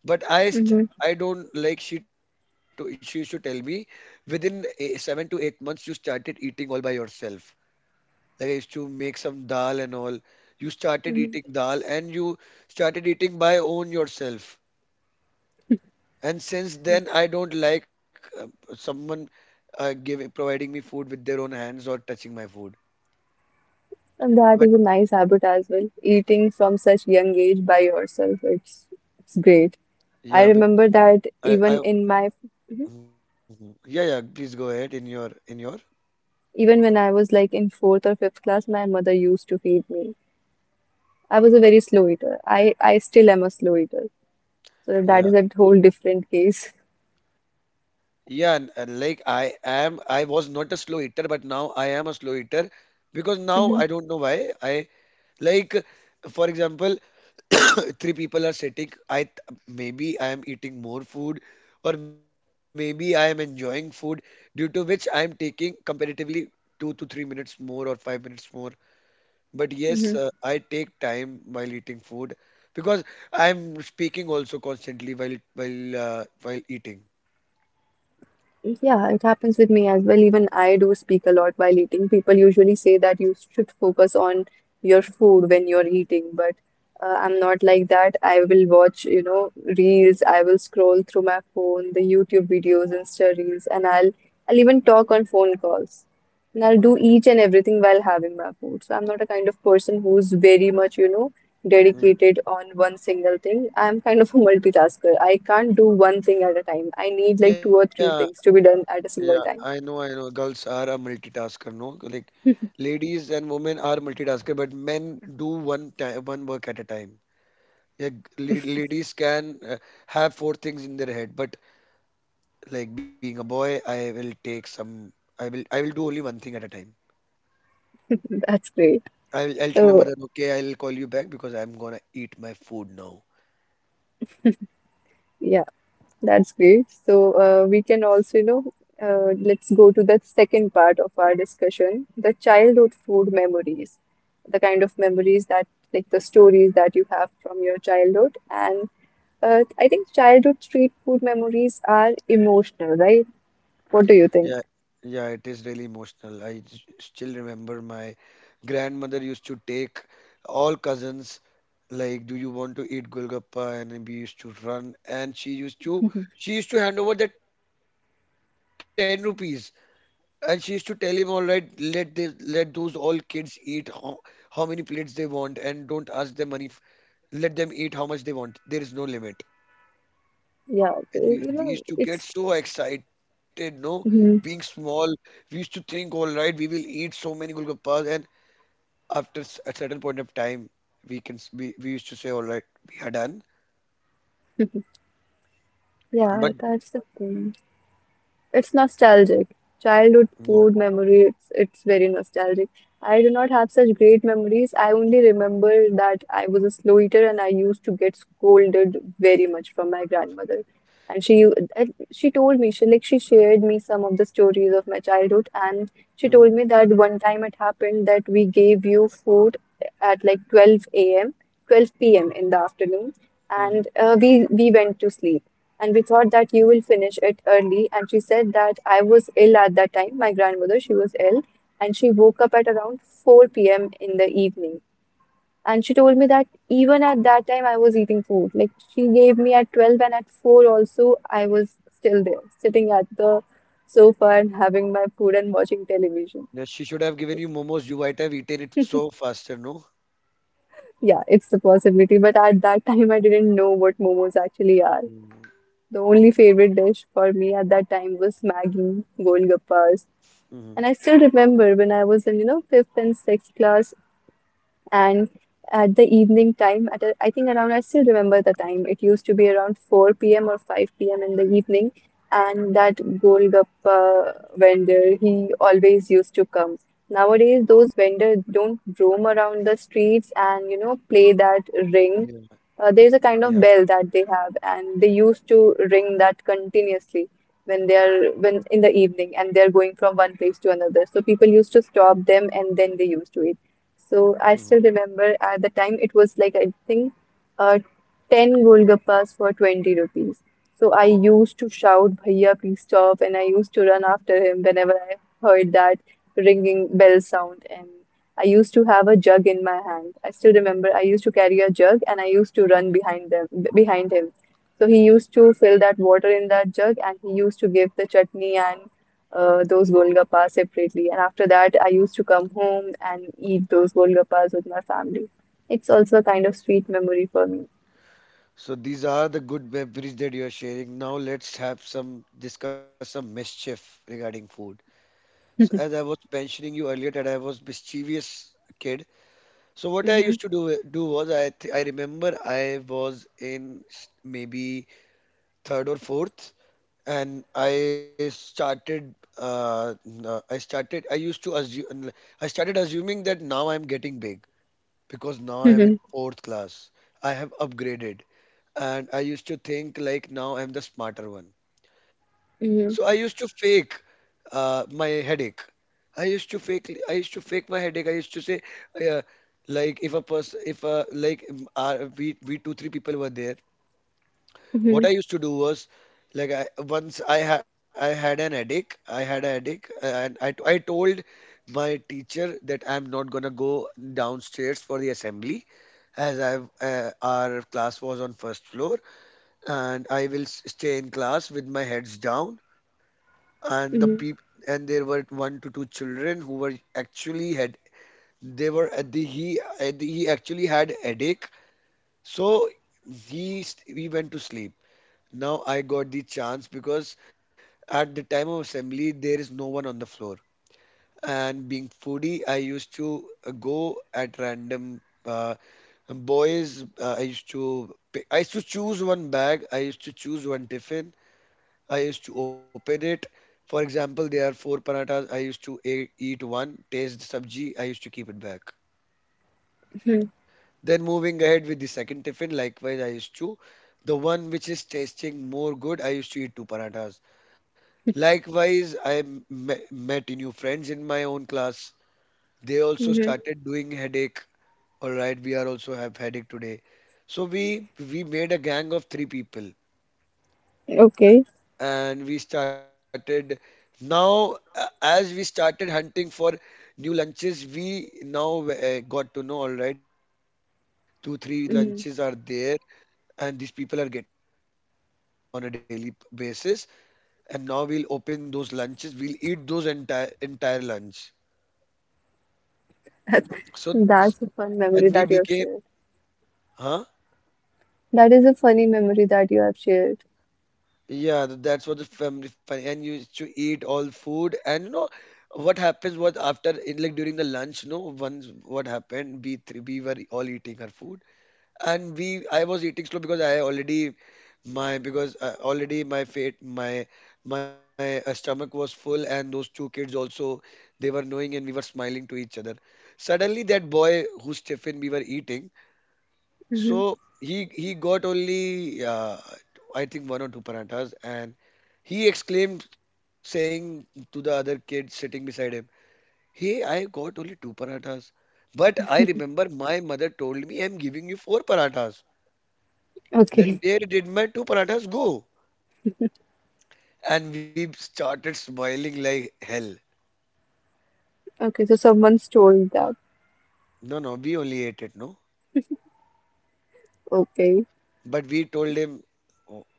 [SPEAKER 2] But I st
[SPEAKER 1] hmm
[SPEAKER 2] I don't like she used to tell me within a, 7 to 8 months you started eating all by yourself. Like I used to make some dal and all. You started
[SPEAKER 1] hmm
[SPEAKER 2] eating dal and you started eating by own yourself. And since then I don't like someone giving providing me food with their own hands or touching my food.
[SPEAKER 1] And that
[SPEAKER 2] But
[SPEAKER 1] is a nice habit as well. Eating from such young age by yourself, it's great. I
[SPEAKER 2] yeah, bec-
[SPEAKER 1] remember that even
[SPEAKER 2] I
[SPEAKER 1] in my Mhm.
[SPEAKER 2] mhm. Yeah, yeah, please go ahead in your
[SPEAKER 1] Even when I was like in fourth or fifth class, my mother used to feed me. I was a very slow eater. I still am a slow eater. So that
[SPEAKER 2] yeah.
[SPEAKER 1] is a whole different case.
[SPEAKER 2] Yeah, and like I am, I was not a slow eater, but now I am a slow eater because now I
[SPEAKER 1] Hmm.
[SPEAKER 2] don't know why. Like, for example, three people are sitting. Maybe I am eating more food, or maybe I am enjoying food, due to which I am taking comparatively 2 to 3 minutes more or 5 minutes more. But yes,
[SPEAKER 1] Hmm.
[SPEAKER 2] I take time while eating food because I'm speaking also constantly while eating.
[SPEAKER 1] Yeah, it happens with me as well. Even I do speak a lot while eating. People usually say that you should focus on your food when you're eating, but I'm not like that. I will watch reels. I will scroll through my phone, the YouTube videos, Insta reels, and I'll even talk on phone calls. And I'll do each and everything while having my food. So I'm not a kind of person who's very much, you know,
[SPEAKER 2] Mhm.
[SPEAKER 1] dedicated on one single thing. I'm kind of a multitasker. I can't do one thing at a time. I need like two
[SPEAKER 2] Yeah,
[SPEAKER 1] or three things to be done
[SPEAKER 2] yeah,
[SPEAKER 1] at a single
[SPEAKER 2] I
[SPEAKER 1] time.
[SPEAKER 2] know. Girls are a multitasker, no? Like ladies and women are multitasker, but men do one time, one work at a time. Yeah, ladies can have 4 things in their head, but like being a boy, I will take some. I will do only one thing at a time.
[SPEAKER 1] That's great.
[SPEAKER 2] I'll tell my
[SPEAKER 1] So,
[SPEAKER 2] mother, okay, I'll call you back because I'm gonna eat my food now.
[SPEAKER 1] yeah, that's great. So, we can also, let's go to the second part of our discussion, the childhood food memories, the kind of memories that, like the stories that you have from your childhood. And I think childhood street food memories are emotional, right? What do you
[SPEAKER 2] Yeah,
[SPEAKER 1] think?
[SPEAKER 2] yeah, it is really emotional. Still remember my grandmother used to take all cousins, like, do you want to eat Golgappa? And then we used to run, and she used to she used to hand over the 10 rupees, and she used to tell him, "All right, let those all kids eat how many plates they want, and don't ask them money." Let them eat how much they want. There is no limit.
[SPEAKER 1] Yeah,
[SPEAKER 2] And
[SPEAKER 1] but,
[SPEAKER 2] we used to get
[SPEAKER 1] it's,
[SPEAKER 2] so excited, no? Being
[SPEAKER 1] mhm.
[SPEAKER 2] small, we used to think, "All right, we will eat so many golgappas," and after a certain point of time, we can s- we used to say, "All right, we are done." But
[SPEAKER 1] Yeah, that's the thing. It's nostalgic.
[SPEAKER 2] yeah.
[SPEAKER 1] Childhood food memory, it's very nostalgic. I do not have such great memories. I only remember that I was a slow eater and I used to get scolded very much from my grandmother. And she told me, she shared me some of the stories of my childhood, and she
[SPEAKER 2] Mm-hmm,
[SPEAKER 1] told me that one time it happened that we gave you food at like 12 a.m., 12 p.m. in the afternoon,
[SPEAKER 2] mm-hmm.
[SPEAKER 1] and we went to sleep, and we thought that you will finish it early. And she said that I was ill at that time. My grandmother, she was ill, and she woke up at around 4 p.m. in the evening. And she told me that even at that time, I was eating food. Like she gave me at 12, and at 4 also, I was still there, sitting at the sofa and having my food and watching
[SPEAKER 2] Yeah,
[SPEAKER 1] television.
[SPEAKER 2] she should have given you momos. You might have eaten it so faster, no?
[SPEAKER 1] Yeah, it's a possibility, but at that time, I didn't know what momos actually are.
[SPEAKER 2] Mm-hmm.
[SPEAKER 1] The only favorite dish for me at that time was Maggi, Golgappas.
[SPEAKER 2] Mm-hmm.
[SPEAKER 1] And I still remember when I was in fifth and sixth class, and at the evening time I think, around I still remember the time, it used to be around 4 p.m or 5 p.m in the evening, and that golgappa vendor, he always used to come. Nowadays those vendors don't roam around the streets and play that
[SPEAKER 2] Yeah,
[SPEAKER 1] ring.
[SPEAKER 2] yeah.
[SPEAKER 1] There's a kind of bell that they have, and they used to ring that continuously when in the evening and they're going from one place to another. So people used to stop them, and then they used to eat. So
[SPEAKER 2] Mm-hmm.
[SPEAKER 1] I still remember at the time it was like I think uh, 10 golgappas for 20 rupees. So I used to shout, "Bhaiya, please stop!" And I used to run after him whenever I heard that ringing bell sound. And I used to have a jug in my hand. I still remember I used to carry a jug, and I used to run behind them, behind him. So he used to fill that water in that jug, and he used to give the chutney and those golgappas separately. And after that, I used to come home and eat those golgappas with my family. It's also a kind of sweet memory for me.
[SPEAKER 2] So these are the good memories that you are sharing. Now let's have some discuss some mischief regarding food. So as I was mentioning you earlier that I was mischievous kid. So what I
[SPEAKER 1] Mhm.
[SPEAKER 2] used to do was, I remember, I was in maybe third or fourth, and I started assuming that now I'm getting big because now I'm in
[SPEAKER 1] Mhm.
[SPEAKER 2] fourth class. I have upgraded, and I used to think like now I'm the smarter one. So I used to
[SPEAKER 1] Mhm.
[SPEAKER 2] fake my headache. I used to fake my headache. I used to say, uh, like, if a person, if a like we two three people were there. What I used to do was, like, I had an headache. I had a headache, and I I told my teacher that I'm not gonna go downstairs for the assembly, as I've our class was on first floor, and I will stay in class with my heads down. and the peop
[SPEAKER 1] Mhm.
[SPEAKER 2] and there were one to two children who were actually had they were at the, he actually had headache, so he went to sleep. Now I got the chance, because at the time of assembly there is no one on the floor, and being foodie, I used to go at random boys. I used to pick, I used to choose one bag, I used to choose one tiffin, I used to open it. For example, there are four parathas, I used to eat one, taste the sabji, I used to keep it back.
[SPEAKER 1] Mhm.
[SPEAKER 2] Then moving ahead with the second tiffin, likewise, I used to the one which is tasting more good, I used to eat two parathas. Likewise, I met new friends in my own class. They also
[SPEAKER 1] Mhm.
[SPEAKER 2] started doing headache. "All right, we are also have headache today." So we made a gang of three people,
[SPEAKER 1] Okay.
[SPEAKER 2] and we started. Now, as we started hunting for new lunches, we now got to know, "All right, these two three
[SPEAKER 1] Mhm.
[SPEAKER 2] lunches are there and these people are getting nice food daily on a daily basis, and now we'll open those lunches, we'll eat those entire lunch." So,
[SPEAKER 1] That's a fun
[SPEAKER 2] and
[SPEAKER 1] memory
[SPEAKER 2] we
[SPEAKER 1] that you have
[SPEAKER 2] became.
[SPEAKER 1] shared.
[SPEAKER 2] huh
[SPEAKER 1] That is a funny memory that you have shared.
[SPEAKER 2] yeah, that's what, the family fun, and you used to eat all food. And you know what happens was, after, in like during the lunch, no, once, what happened, we three, we were all eating our food, and we I was eating slow because I already, my, because already my fate my my stomach was full, and those two kids also, they were knowing, and we were smiling to each other. Suddenly, that boy whose tiffin we were eating, so
[SPEAKER 1] Mhm.
[SPEAKER 2] he got only, I think one or two parathas, and he exclaimed, saying to the other kid sitting beside him, "Hey, I got only two parathas, but I remember my mother told me I'm giving you four parathas.
[SPEAKER 1] Okay,
[SPEAKER 2] Then where did my two parathas go?" And we started smiling like hell.
[SPEAKER 1] okay, so someone stole that.
[SPEAKER 2] No, no, we only ate it, no?
[SPEAKER 1] Okay.
[SPEAKER 2] But we told him, "Oh,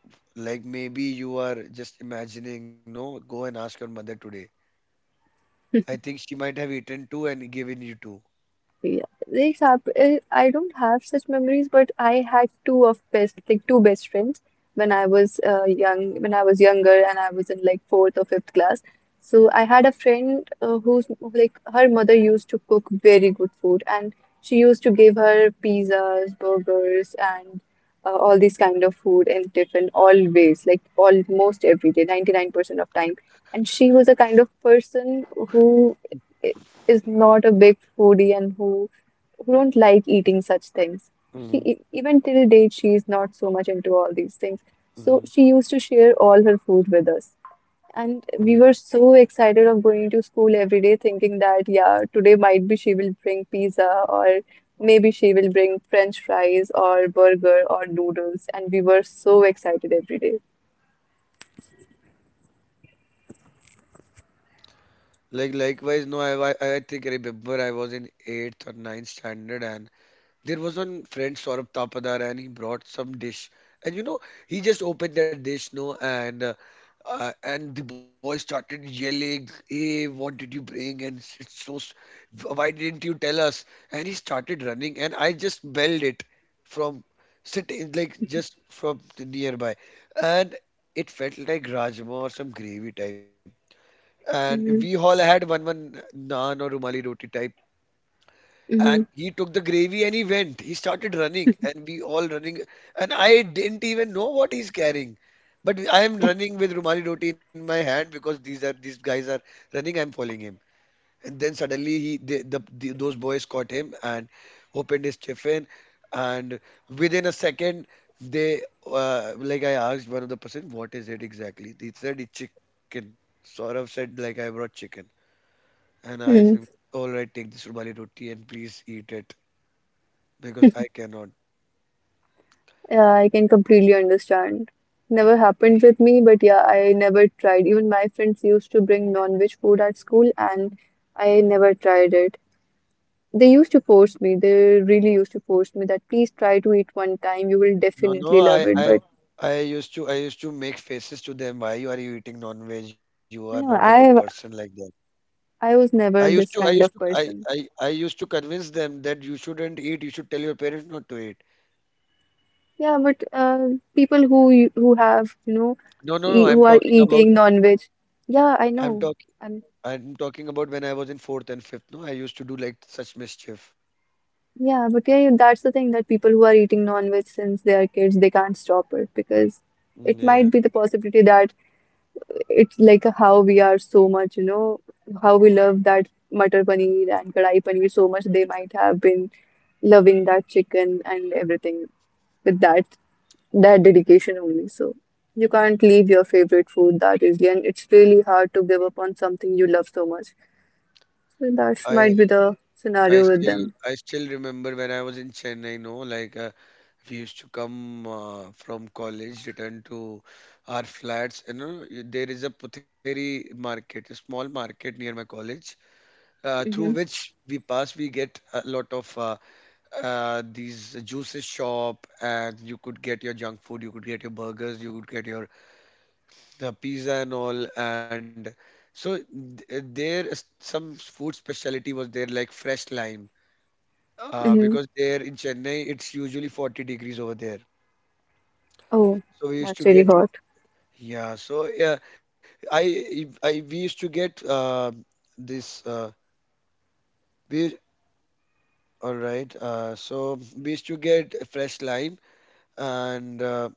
[SPEAKER 2] like, maybe you are just imagining, no? Go and ask your mother today. I think she might have eaten two and given you two."
[SPEAKER 1] Yeah, these are, I don't have such memories, but I had two of best, like two best friends when I was young, when I was younger and I was in like fourth or fifth class. So I had a friend who's like her mother used to cook very good food, and she used to give her pizzas, burgers, and all these kind of food in tiffin always, like almost every day, 99% of time. And she was a kind of person who eh, is not a big foodie and who don't like eating such things. She
[SPEAKER 2] Hmm.
[SPEAKER 1] even till date she is not so much into all these things. So she
[SPEAKER 2] Hmm.
[SPEAKER 1] used to share all her food with us. And
[SPEAKER 2] Hmm.
[SPEAKER 1] we were so excited of going to school every day thinking that yeah, today might be she will bring pizza, or maybe she will bring French fries or burger or noodles, and we were so excited every day.
[SPEAKER 2] Like, likewise, no, I think I remember I was in eighth or ninth standard, and there was one friend Saurabh Tapadar, and he brought some dish, and he just opened that dish, no, and and the boy started yelling, "Hey, what did you bring? And it's so why didn't you tell us?" And he started running, and I just belled it from sitting like just from the nearby. And it felt like rajma or some gravy type, and we all had one naan or rumali roti type. And
[SPEAKER 1] Mm.
[SPEAKER 2] he took the gravy, and he went. He started running, and we all running. And I didn't even know what he's carrying, but I am running with Rumali roti in my hand because these guys are running. I'm following him, and then suddenly he the those boys caught him and opened his chiffin, and within a second, they, like, I asked one of the person, "What is it exactly?" They said it's chicken. Saurav said, like, "I brought chicken," and I said,
[SPEAKER 1] Hmm.
[SPEAKER 2] "All right, take this Rumali roti and please eat it, because I cannot."
[SPEAKER 1] Yeah, I can completely understand. Never happened with me, but yeah, I never tried. Even my friends used to bring non-veg food at school, and I never tried it. They used to force me. They really used to force me that please try to eat one time. You will
[SPEAKER 2] No, no,
[SPEAKER 1] definitely love
[SPEAKER 2] I,
[SPEAKER 1] it.
[SPEAKER 2] I,
[SPEAKER 1] But
[SPEAKER 2] I used to, I used to make faces to them. "Why you eating non-veg? You are not a good
[SPEAKER 1] no,
[SPEAKER 2] person
[SPEAKER 1] I
[SPEAKER 2] like that."
[SPEAKER 1] I was
[SPEAKER 2] I used
[SPEAKER 1] never
[SPEAKER 2] to, I
[SPEAKER 1] this
[SPEAKER 2] used
[SPEAKER 1] kind
[SPEAKER 2] to,
[SPEAKER 1] of person.
[SPEAKER 2] I used to convince them that, "You shouldn't eat. You should tell your parents not to eat."
[SPEAKER 1] Yeah, but people who you- who have you know
[SPEAKER 2] No, no, no,
[SPEAKER 1] e who
[SPEAKER 2] I'm
[SPEAKER 1] are
[SPEAKER 2] talking about,
[SPEAKER 1] eating non-veg, yeah, I
[SPEAKER 2] I'm talking,
[SPEAKER 1] know. I'm
[SPEAKER 2] when I was in fourth and fifth. No, I used to do like such mischief.
[SPEAKER 1] Yeah, but yeah, that's the thing that people who are eating non-veg since they are kids, they can't stop it because
[SPEAKER 2] Mm,
[SPEAKER 1] it
[SPEAKER 2] yeah.
[SPEAKER 1] might be the possibility that it's like how we are so much, you know, how we love that matar paneer and kadai paneer so much, they might have been loving that chicken and everything with that dedication only. So you can't leave your favorite food that easily, and it's really hard to give up on something you love so much. So that
[SPEAKER 2] I,
[SPEAKER 1] might be the
[SPEAKER 2] I
[SPEAKER 1] scenario with
[SPEAKER 2] still,
[SPEAKER 1] them.
[SPEAKER 2] I still remember when I was in Chennai. No, like. We used to come, from college, return to our flats. There is a Putheri market, a small market near my college, through
[SPEAKER 1] Mm-hmm.
[SPEAKER 2] which we pass. We get a lot of these juices shop, and you could get your junk food, you could get your burgers, you could get your the pizza and all. And so there is some food specialty was there, like fresh lime,
[SPEAKER 1] Mm-hmm.
[SPEAKER 2] because there in Chennai it's usually 40 degrees over there.
[SPEAKER 1] Oh,
[SPEAKER 2] So we used
[SPEAKER 1] that's
[SPEAKER 2] to
[SPEAKER 1] really
[SPEAKER 2] get.
[SPEAKER 1] hot.
[SPEAKER 2] Yeah, so yeah, I if- I we used to get, this we all right. So we used to get a fresh lime, and uh,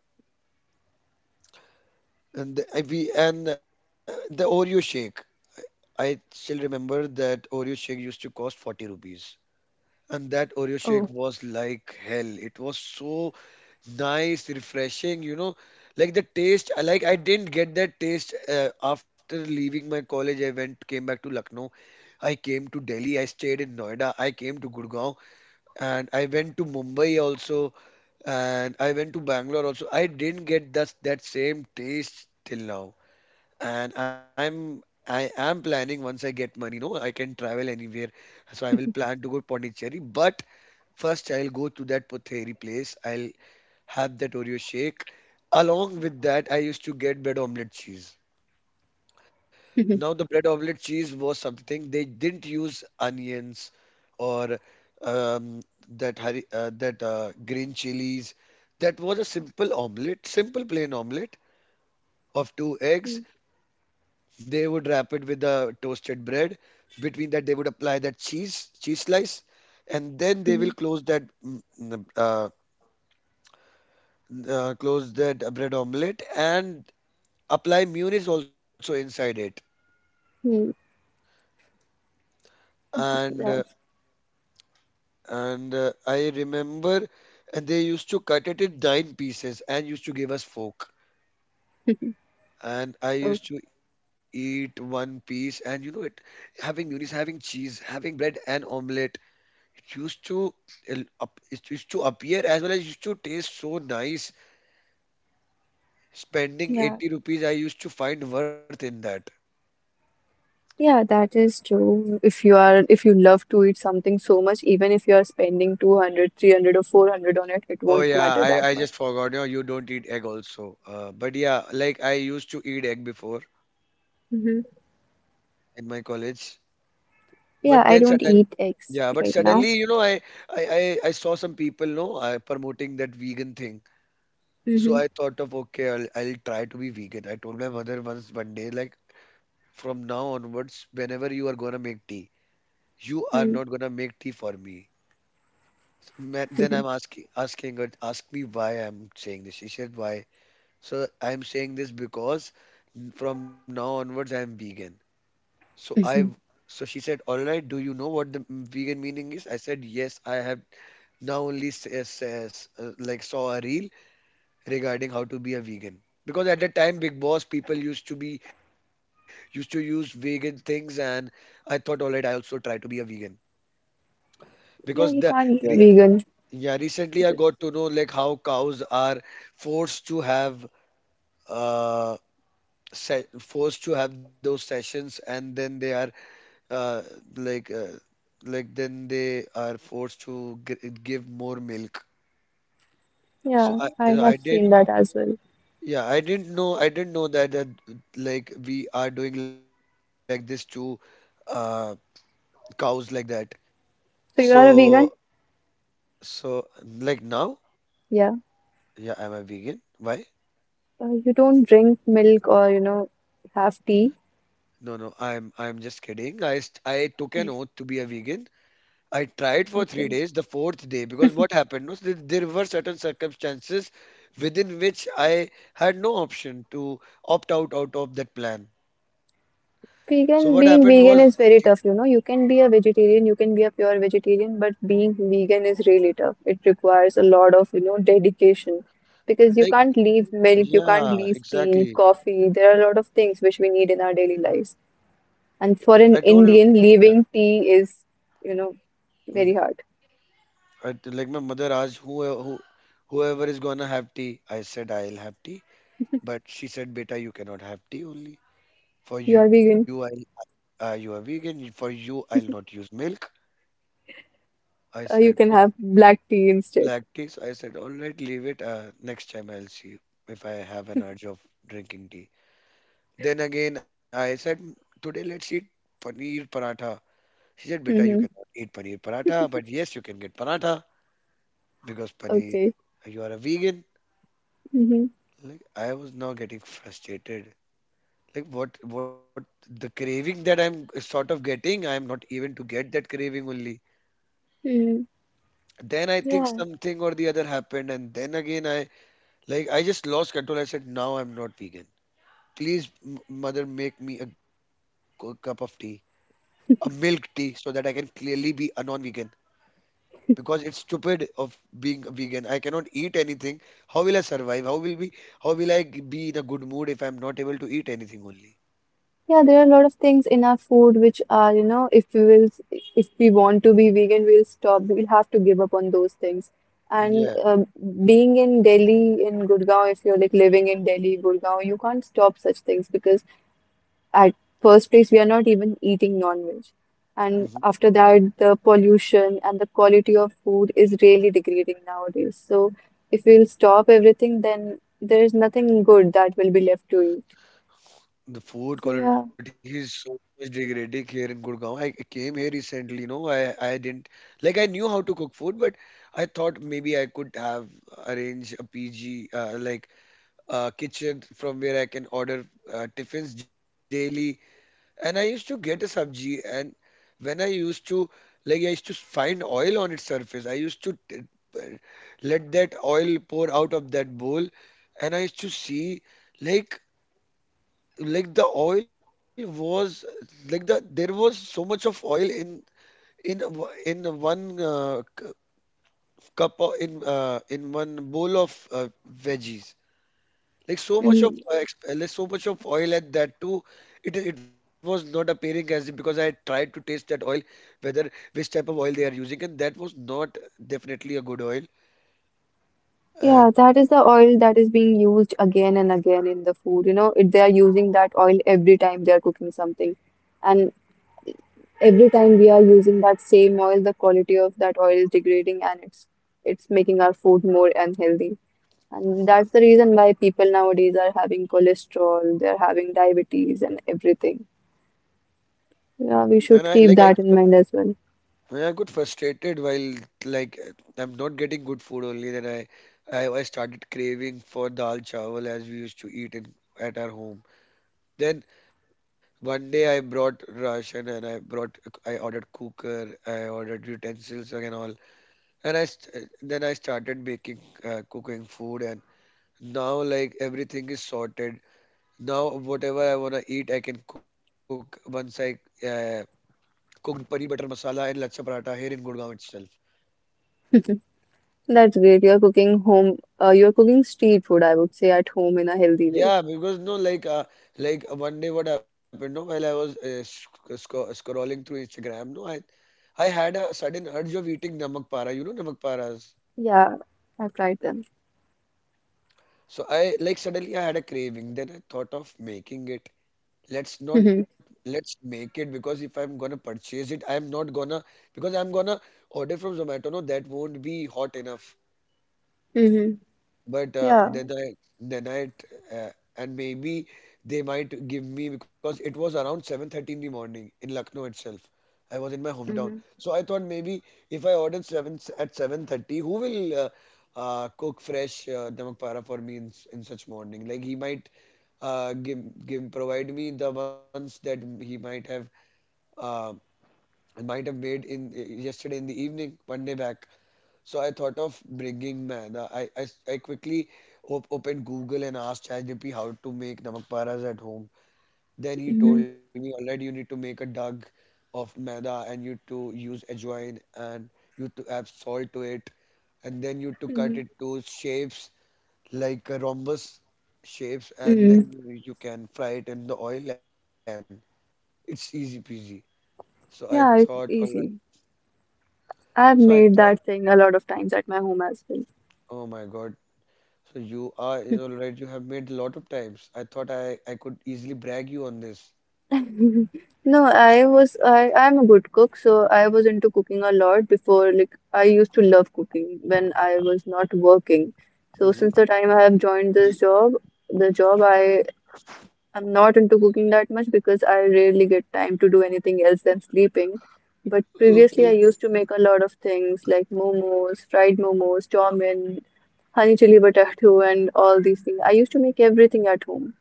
[SPEAKER 2] and the Oreo shake. I still remember that Oreo shake used to cost 40 rupees, and that Oreo
[SPEAKER 1] Oh,
[SPEAKER 2] shake was like hell. It was so nice, refreshing, like the taste. I didn't get that taste after leaving my college. I went, came back to Lucknow. I came to Delhi. I stayed in Noida. I came to Gurgaon, and I went to Mumbai also, and I went to Bangalore also. I didn't get that same taste till now. And I am planning, once I get money, no, I can travel anywhere. So I will plan to go to Pondicherry, but first I'll go to that Potheri place. I'll have that Oreo shake. Along with that, I used to get bread omelette cheese.
[SPEAKER 1] Mhm.
[SPEAKER 2] Now, the bread omelette cheese was something they didn't use onions or um, that hari, that green chilies. That was a simple omelette, simple plain omelette of two eggs. They would wrap it with the toasted bread. Between that, they would apply that cheese slice, and then they will
[SPEAKER 1] Mhm.
[SPEAKER 2] close that bread omelette, and apply Mune is also inside it,
[SPEAKER 1] Mhm.
[SPEAKER 2] and uh,
[SPEAKER 1] that's
[SPEAKER 2] and I remember. And they used to cut it in nine pieces and used to give us fork, and I
[SPEAKER 1] Oh,
[SPEAKER 2] used to eat one piece, and, you know it having Muni's, having cheese, having bread and omelette, it used to appear as well as used to taste so nice. Spending
[SPEAKER 1] yeah,
[SPEAKER 2] 80 rupees, I used to find worth in that.
[SPEAKER 1] yeah, that is true. If you love to eat something so much, even if you are spending 200, 300, or 400 on it, it
[SPEAKER 2] Oh
[SPEAKER 1] won't
[SPEAKER 2] yeah,
[SPEAKER 1] matter that
[SPEAKER 2] I
[SPEAKER 1] much.
[SPEAKER 2] just forgot, you don't eat egg also. But yeah, like, I used to eat egg before
[SPEAKER 1] Hmm.
[SPEAKER 2] in my college. But
[SPEAKER 1] Yeah,
[SPEAKER 2] then
[SPEAKER 1] I
[SPEAKER 2] sudden,
[SPEAKER 1] don't eat eggs
[SPEAKER 2] yeah, but
[SPEAKER 1] right now.
[SPEAKER 2] suddenly, I saw some people, no, I promoting that vegan thing. So
[SPEAKER 1] Hmm.
[SPEAKER 2] I thought of, "Okay, I'll, try to be vegan." I told my mother once one day, like, "From now onwards, whenever you are gonna make tea, you are
[SPEAKER 1] Hmm.
[SPEAKER 2] not gonna make tea for me." So, Then
[SPEAKER 1] Hmm.
[SPEAKER 2] I'm asking, her, ask me why I'm saying this. She said, "Why?" So I'm saying this because from now onwards, I'm vegan. So I,
[SPEAKER 1] Hmm.
[SPEAKER 2] so she said, "All right, do you know what the vegan meaning is?" I said, "Yes, I have now only like, saw a reel regarding how to be a vegan." Because at that time, Big Boss people used to use vegan things, and I thought, "All right, I also try to be a vegan." Because
[SPEAKER 1] Yeah, you
[SPEAKER 2] the
[SPEAKER 1] can't be
[SPEAKER 2] re
[SPEAKER 1] a vegan.
[SPEAKER 2] yeah, recently I got to know, like, how cows are forced to have, uh se forced to have those sessions, and then they are uh, like uh, like then they are forced to give more milk. So
[SPEAKER 1] Yeah,
[SPEAKER 2] I
[SPEAKER 1] I
[SPEAKER 2] I
[SPEAKER 1] have seen
[SPEAKER 2] didn't
[SPEAKER 1] that as well.
[SPEAKER 2] yeah I didn't know that, like, we are doing like this to uh, cows like that.
[SPEAKER 1] So you are
[SPEAKER 2] So
[SPEAKER 1] a vegan?
[SPEAKER 2] so like, now,
[SPEAKER 1] Yeah.
[SPEAKER 2] yeah, I'm a vegan. Why?
[SPEAKER 1] You don't drink milk or, have tea?
[SPEAKER 2] No, no, I'm just kidding. I took an oath to be a vegan. I tried for three
[SPEAKER 1] Okay.
[SPEAKER 2] days. The fourth day, because what happened was that there were certain circumstances within which I had no option to opt out of that plan. So what happened was,
[SPEAKER 1] Vegan, being vegan is very tough, you know. You can be a vegetarian, you can be a pure vegetarian, but being vegan is really tough. It requires a lot of dedication because you
[SPEAKER 2] like,
[SPEAKER 1] can't leave milk, you can't
[SPEAKER 2] yeah,
[SPEAKER 1] leave tea,
[SPEAKER 2] exactly.
[SPEAKER 1] coffee. There are a lot of things which we need in our daily lives.
[SPEAKER 2] I
[SPEAKER 1] And for
[SPEAKER 2] told her,
[SPEAKER 1] an Indian,
[SPEAKER 2] yeah,
[SPEAKER 1] leaving tea is, you know,
[SPEAKER 2] mhm.
[SPEAKER 1] very hard.
[SPEAKER 2] Like, my mother asked, whoever is gonna have tea. I said, I'll have tea, but she said, "Beta, you cannot have tea only. For
[SPEAKER 1] You are
[SPEAKER 2] you, I
[SPEAKER 1] vegan,
[SPEAKER 2] you are vegan. For you, I'll not use milk." I said,
[SPEAKER 1] you can have black tea instead.
[SPEAKER 2] black tea. So I said, all right, leave it. Next time I'll see if I have an urge of drinking tea. Then again, I said, Today let's eat paneer paratha." She said, beta, you
[SPEAKER 1] Mm-hmm.
[SPEAKER 2] cannot eat paneer paratha, but yes, you can get paratha because paneer,
[SPEAKER 1] Okay.
[SPEAKER 2] you are a vegan.
[SPEAKER 1] Mm-hmm.
[SPEAKER 2] Like, I was now getting frustrated. Like, what, the craving that I'm sort of getting, I'm not even to get that craving only.
[SPEAKER 1] Mm-hmm.
[SPEAKER 2] Then I think
[SPEAKER 1] Yeah.
[SPEAKER 2] something or the other happened, and then again I just lost control. I said, now I'm not vegan. Please, mother, make me a cup of tea, a milk tea, so that I can clearly be a non-vegan. Because it's stupid of being a vegan. I cannot eat anything. How will I survive? How will be? How will I be in a good mood if I'm not able to eat anything only?
[SPEAKER 1] Yeah, there are a lot of things in our food which are, if we want to be vegan, we'll stop. We'll have to give up on those things. And
[SPEAKER 2] Yeah.
[SPEAKER 1] being in Delhi, in Gurgaon, if you're like living in Delhi, Gurgaon, you can't stop such things because at first place we are not even eating non-veg,
[SPEAKER 2] Mhm.
[SPEAKER 1] and after that the pollution and the quality of food is really degrading nowadays. So if we'll stop everything, then there is nothing good that will be left to eat.
[SPEAKER 2] The food
[SPEAKER 1] So
[SPEAKER 2] quality
[SPEAKER 1] yeah.
[SPEAKER 2] is so much degrading here in Gurgaon. I came here recently, I didn't, like, I knew how to cook food, but I thought maybe I could have arranged a PG, kitchen from where I can order tiffins daily. And I used to get a sabji, and when I used to, like, I used to find oil on its surface. I used to p- let that oil pour out of that bowl, and I used to see, like, like the oil was like the there was so much of oil in, in one c- cup o- in one bowl of veggies. Like, so much of
[SPEAKER 1] Mhm.
[SPEAKER 2] so much of oil, and that too, it was not appearing as, because I tried to taste that oil, whether which type of oil they are using, and that was not definitely a good oil.
[SPEAKER 1] Yeah,
[SPEAKER 2] And
[SPEAKER 1] that is the oil that is being used again and again in the food. You know, they are using that oil every time they are cooking something. And every time we are using that same oil, the quality of that oil is degrading, and it's making our food more unhealthy. And that's the reason why people nowadays are having cholesterol, they're having diabetes and everything.
[SPEAKER 2] then
[SPEAKER 1] Yeah,
[SPEAKER 2] I
[SPEAKER 1] we
[SPEAKER 2] like I
[SPEAKER 1] should keep that in mind as well.
[SPEAKER 2] I got frustrated while, like, I'm not getting good food only. Then I started craving for dal chawal as we used to eat in at our home. Then one day I brought ration, and I ordered cooker, I ordered utensils and all, and then I started making cooking food, and now, like, everything is sorted. Now whatever I wanna eat, I can cook. Once I uh, cooked paneer butter masala and lachcha paratha here in Gurgaon itself.
[SPEAKER 1] That's great. You're cooking street food, I would say, at home in a healthy way.
[SPEAKER 2] Yeah, because, no, like, one day what happened? No, while I was scrolling through Instagram, no, I had a sudden urge of eating namak para. You know namak paras.
[SPEAKER 1] Yeah, I've tried them.
[SPEAKER 2] So I like suddenly I had a craving. Then I thought of making it. let's not let's make it, because if I'm gonna purchase it, I'm not gonna, because I'm gonna order from Zomato, no, that won't be hot enough.
[SPEAKER 1] Mm-hmm.
[SPEAKER 2] But
[SPEAKER 1] Yeah.
[SPEAKER 2] then I, uh, and maybe they might give me, because it was around 7:30 in the morning in Lucknow itself. I was in my hometown.
[SPEAKER 1] Mm-hmm.
[SPEAKER 2] So I thought, maybe if I ordered 7 at 7:30, who will cook fresh namak para for me in such morning, like, he might give give provide me the ones that he might have uh, I might have made in yesterday in the evening, one day back. So I thought of bringing maida. I quickly opened Google and asked ChatGPT how to make namak paras at home. Then he told
[SPEAKER 1] Mm-hmm.
[SPEAKER 2] me, all right, you need to make a dug of maida and you to use ajwain and you to add salt to it. And then you to cut
[SPEAKER 1] Mm-hmm.
[SPEAKER 2] it to shapes like a rhombus shapes, and
[SPEAKER 1] Mm-hmm.
[SPEAKER 2] then you can fry it in the oil, and it's easy peasy. So I thought,
[SPEAKER 1] Yeah,
[SPEAKER 2] all
[SPEAKER 1] it's
[SPEAKER 2] right.
[SPEAKER 1] easy.
[SPEAKER 2] So I
[SPEAKER 1] I've
[SPEAKER 2] thought
[SPEAKER 1] made that thing a lot of times at my home as well.
[SPEAKER 2] Oh my God. So you are, is all right. You have made a lot of times. I thought I could easily brag you on this.
[SPEAKER 1] No, I was I I'm a good cook, so I was into cooking a lot before. Like I used to love cooking when I was not working. So
[SPEAKER 2] Mm-hmm.
[SPEAKER 1] since the time I have joined this job, the job I I'm not into cooking that much because I rarely get time to do anything else than sleeping. But
[SPEAKER 2] Okay.
[SPEAKER 1] previously, I used to make a lot of things like momos, fried momos, chow mein, honey chili potato, and all these things. I used to make everything at home,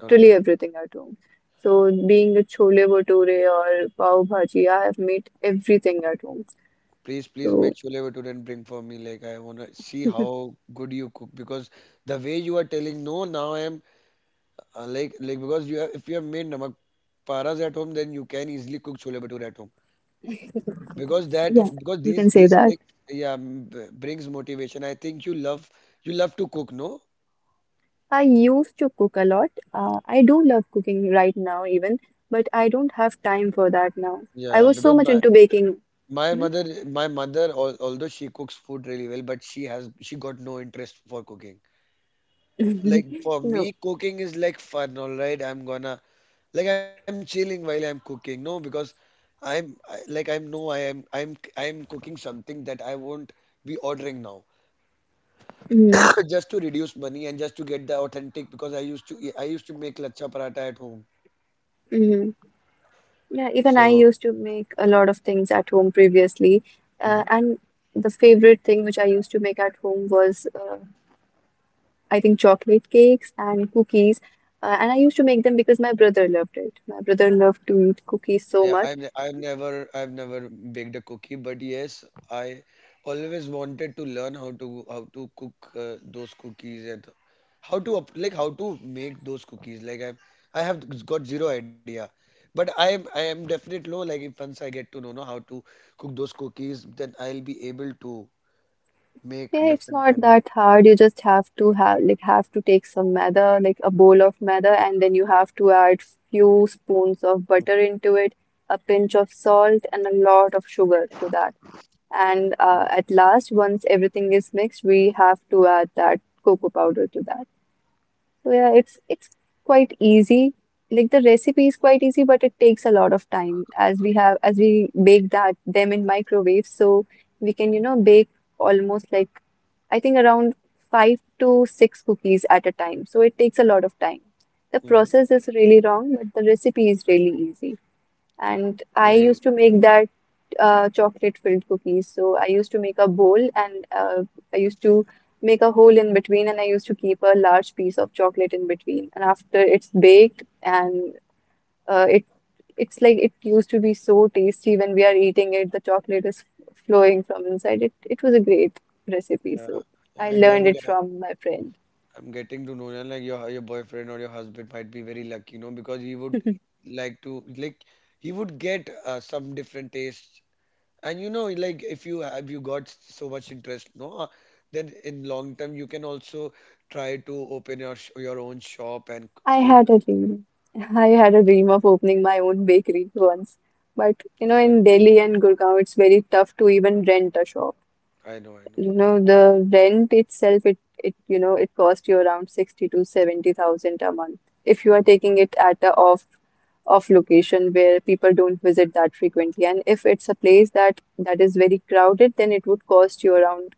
[SPEAKER 2] All right.
[SPEAKER 1] everything at home. So, being a chole bhature or pav bhaji, I have made everything at home.
[SPEAKER 2] Please, please make
[SPEAKER 1] So,
[SPEAKER 2] chole bhature and bring for me. Like, I wanna see how good you cook, because the way you are telling, no, now I am, like, because if you have made namak paras at home, then you can easily cook chole bhature at home, because that,
[SPEAKER 1] yeah,
[SPEAKER 2] because
[SPEAKER 1] you
[SPEAKER 2] these
[SPEAKER 1] can say
[SPEAKER 2] these
[SPEAKER 1] that.
[SPEAKER 2] things, brings motivation. I think you love to cook, no,
[SPEAKER 1] I used to cook a lot. I do love cooking right now, even, but I don't have time for that now.
[SPEAKER 2] yeah,
[SPEAKER 1] I was
[SPEAKER 2] because
[SPEAKER 1] so much into baking. Mhm.
[SPEAKER 2] My mother, although she cooks food really well, but she got no interest for cooking. Like, for
[SPEAKER 1] No.
[SPEAKER 2] me, cooking is like fun. All right, I'm gonna like, I'm chilling while I'm cooking. No, because like, I'm no, I am I'm cooking something that I won't be ordering now,
[SPEAKER 1] Mhm.
[SPEAKER 2] just to reduce money and just to get the authentic, because I used to make lachcha paratha at home.
[SPEAKER 1] Mhm. Yeah, even
[SPEAKER 2] So
[SPEAKER 1] I used to make a lot of things at home previously. Uh,
[SPEAKER 2] mm-hmm.
[SPEAKER 1] and the favorite thing which I used to make at home was, I think, chocolate cakes and cookies. And I used to make them because my brother loved it. My brother loved to eat
[SPEAKER 2] Yeah,
[SPEAKER 1] cookies so much.
[SPEAKER 2] I've never baked a cookie, but yes, I always wanted to learn how to cook those cookies and how to make those cookies. Like, I have got zero idea, but I am definitely know, like, if once I get to know, how to cook those cookies, then I'll be able to make
[SPEAKER 1] Yeah, it's
[SPEAKER 2] different
[SPEAKER 1] not
[SPEAKER 2] kinds of
[SPEAKER 1] that hard. You just have to have to take some maida, like a bowl of maida, and then you have to add few spoons of butter into it, a pinch of salt, and a lot of sugar to that. And
[SPEAKER 2] cookies.
[SPEAKER 1] at last, once everything is mixed, we have to add that cocoa powder to that. So yeah, it's quite easy. Like the recipe is quite easy, but it takes a lot of time as we have as we bake that them in microwave, so we can you know bake almost like I think around five to six cookies at a time. So it takes a lot of time. The
[SPEAKER 2] Hmm.
[SPEAKER 1] process is really wrong, but the recipe is really easy. And I
[SPEAKER 2] Like,
[SPEAKER 1] used to make that chocolate filled cookies. So I used to make a bowl and I used to make a hole in between, and I used to keep a large piece of chocolate in between. And after it's baked and uh, it it's like it used to be so tasty when we are eating it. The chocolate is flowing from inside it. It was a great recipe,
[SPEAKER 2] yeah,
[SPEAKER 1] so
[SPEAKER 2] yeah, I
[SPEAKER 1] I
[SPEAKER 2] guess.
[SPEAKER 1] learned it from my friend.
[SPEAKER 2] I'm getting to know, and, like, your boyfriend or your husband might be very lucky, you know, because he would like to like, he would get some different tastes, and, like, if you got so much interest, no, then in long term you can also try to open your own shop and
[SPEAKER 1] I
[SPEAKER 2] cook.
[SPEAKER 1] had a dream. I had a dream of opening my own bakery once, but
[SPEAKER 2] All
[SPEAKER 1] you know,
[SPEAKER 2] right,
[SPEAKER 1] in Delhi and Gurgaon, it's very tough to even rent a shop.
[SPEAKER 2] I know, I know.
[SPEAKER 1] You know, the rent itself, it you know, it costs you around 60 to 70,000 a month if you are taking it at a off off location where people don't visit that frequently. And if it's a place that is very crowded, then it would cost you around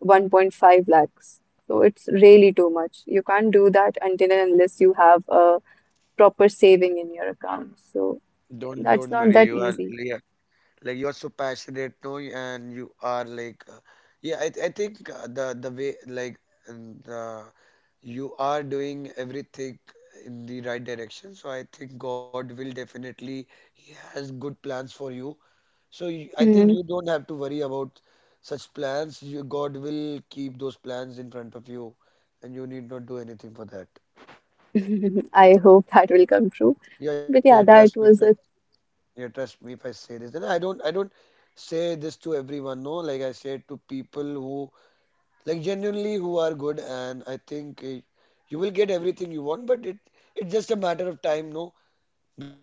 [SPEAKER 1] 1.5 lakhs. So it's really too much. You can't do that until and unless you have a proper saving in your account, so
[SPEAKER 2] Don't worry,
[SPEAKER 1] that's
[SPEAKER 2] you are,
[SPEAKER 1] not that
[SPEAKER 2] yeah.
[SPEAKER 1] easy.
[SPEAKER 2] Like, you are so passionate, no, and you are, like, yeah, I think, the way, like, and, you are doing everything in the right direction. So I think God will definitely, he has good plans for you, so you, I think,
[SPEAKER 1] Mhm.
[SPEAKER 2] you don't have to worry about such plans. You, God will keep those plans in front of you, and you need not do anything for that.
[SPEAKER 1] I hope that will come true,
[SPEAKER 2] Yeah, yeah,
[SPEAKER 1] but
[SPEAKER 2] trust
[SPEAKER 1] yeah,
[SPEAKER 2] me,
[SPEAKER 1] that
[SPEAKER 2] trust
[SPEAKER 1] was
[SPEAKER 2] Yeah, trust me if I say this. And I don't, say this to everyone, no. Like, I say it to people who, like, genuinely who are good, and I think, you will get everything you want, but it's just a matter of time, no.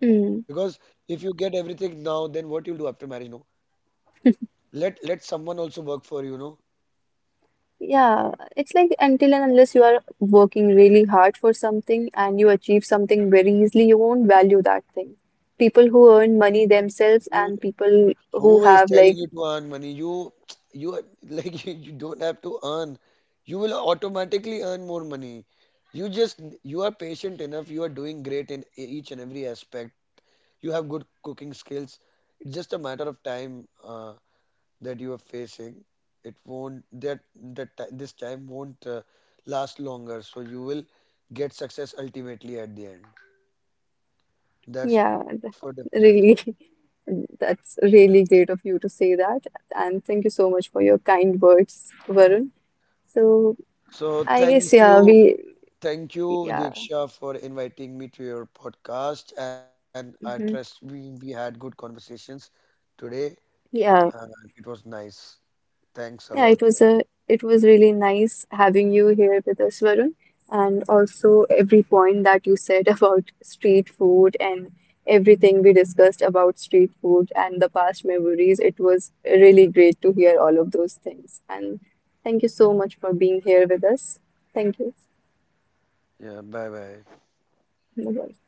[SPEAKER 1] a.
[SPEAKER 2] if you get everything now, then what you will do after marriage, no. Let someone also work for you, no.
[SPEAKER 1] Yeah, it's like until and unless you are working really hard for something and you achieve something very easily, you won't value that thing. People who earn money themselves
[SPEAKER 2] Who,
[SPEAKER 1] and people who
[SPEAKER 2] Is
[SPEAKER 1] have
[SPEAKER 2] telling
[SPEAKER 1] like,
[SPEAKER 2] you to earn money? You are like, you don't have to earn. You will automatically earn more money. You are patient enough. You are doing great in each and every aspect. You have good cooking skills. It's just a matter of time, that you are facing. It won't that that ti- This time won't last longer. So you will get success ultimately at the end. That's for
[SPEAKER 1] yeah,
[SPEAKER 2] definite.
[SPEAKER 1] really, that's
[SPEAKER 2] Yeah.
[SPEAKER 1] really great of you to say that. And thank you so much for your kind words, Varun. So
[SPEAKER 2] So
[SPEAKER 1] I
[SPEAKER 2] thank
[SPEAKER 1] guess, yeah,
[SPEAKER 2] you.
[SPEAKER 1] we,
[SPEAKER 2] Thank you,
[SPEAKER 1] yeah,
[SPEAKER 2] Diksha, for inviting me to your podcast. And I trust
[SPEAKER 1] mhm,
[SPEAKER 2] we had good conversations today.
[SPEAKER 1] yeah.
[SPEAKER 2] Uh, it was nice. Thanks a
[SPEAKER 1] Yeah,
[SPEAKER 2] lot
[SPEAKER 1] it was
[SPEAKER 2] for.
[SPEAKER 1] a it was really nice having you here with us, Varun, and also every point that you said about street food and everything we discussed about street food and the past memories. It was really great to hear all of those things. And thank you so much for being here with us. Thank you.
[SPEAKER 2] Yeah, bye bye.
[SPEAKER 1] Bye-bye.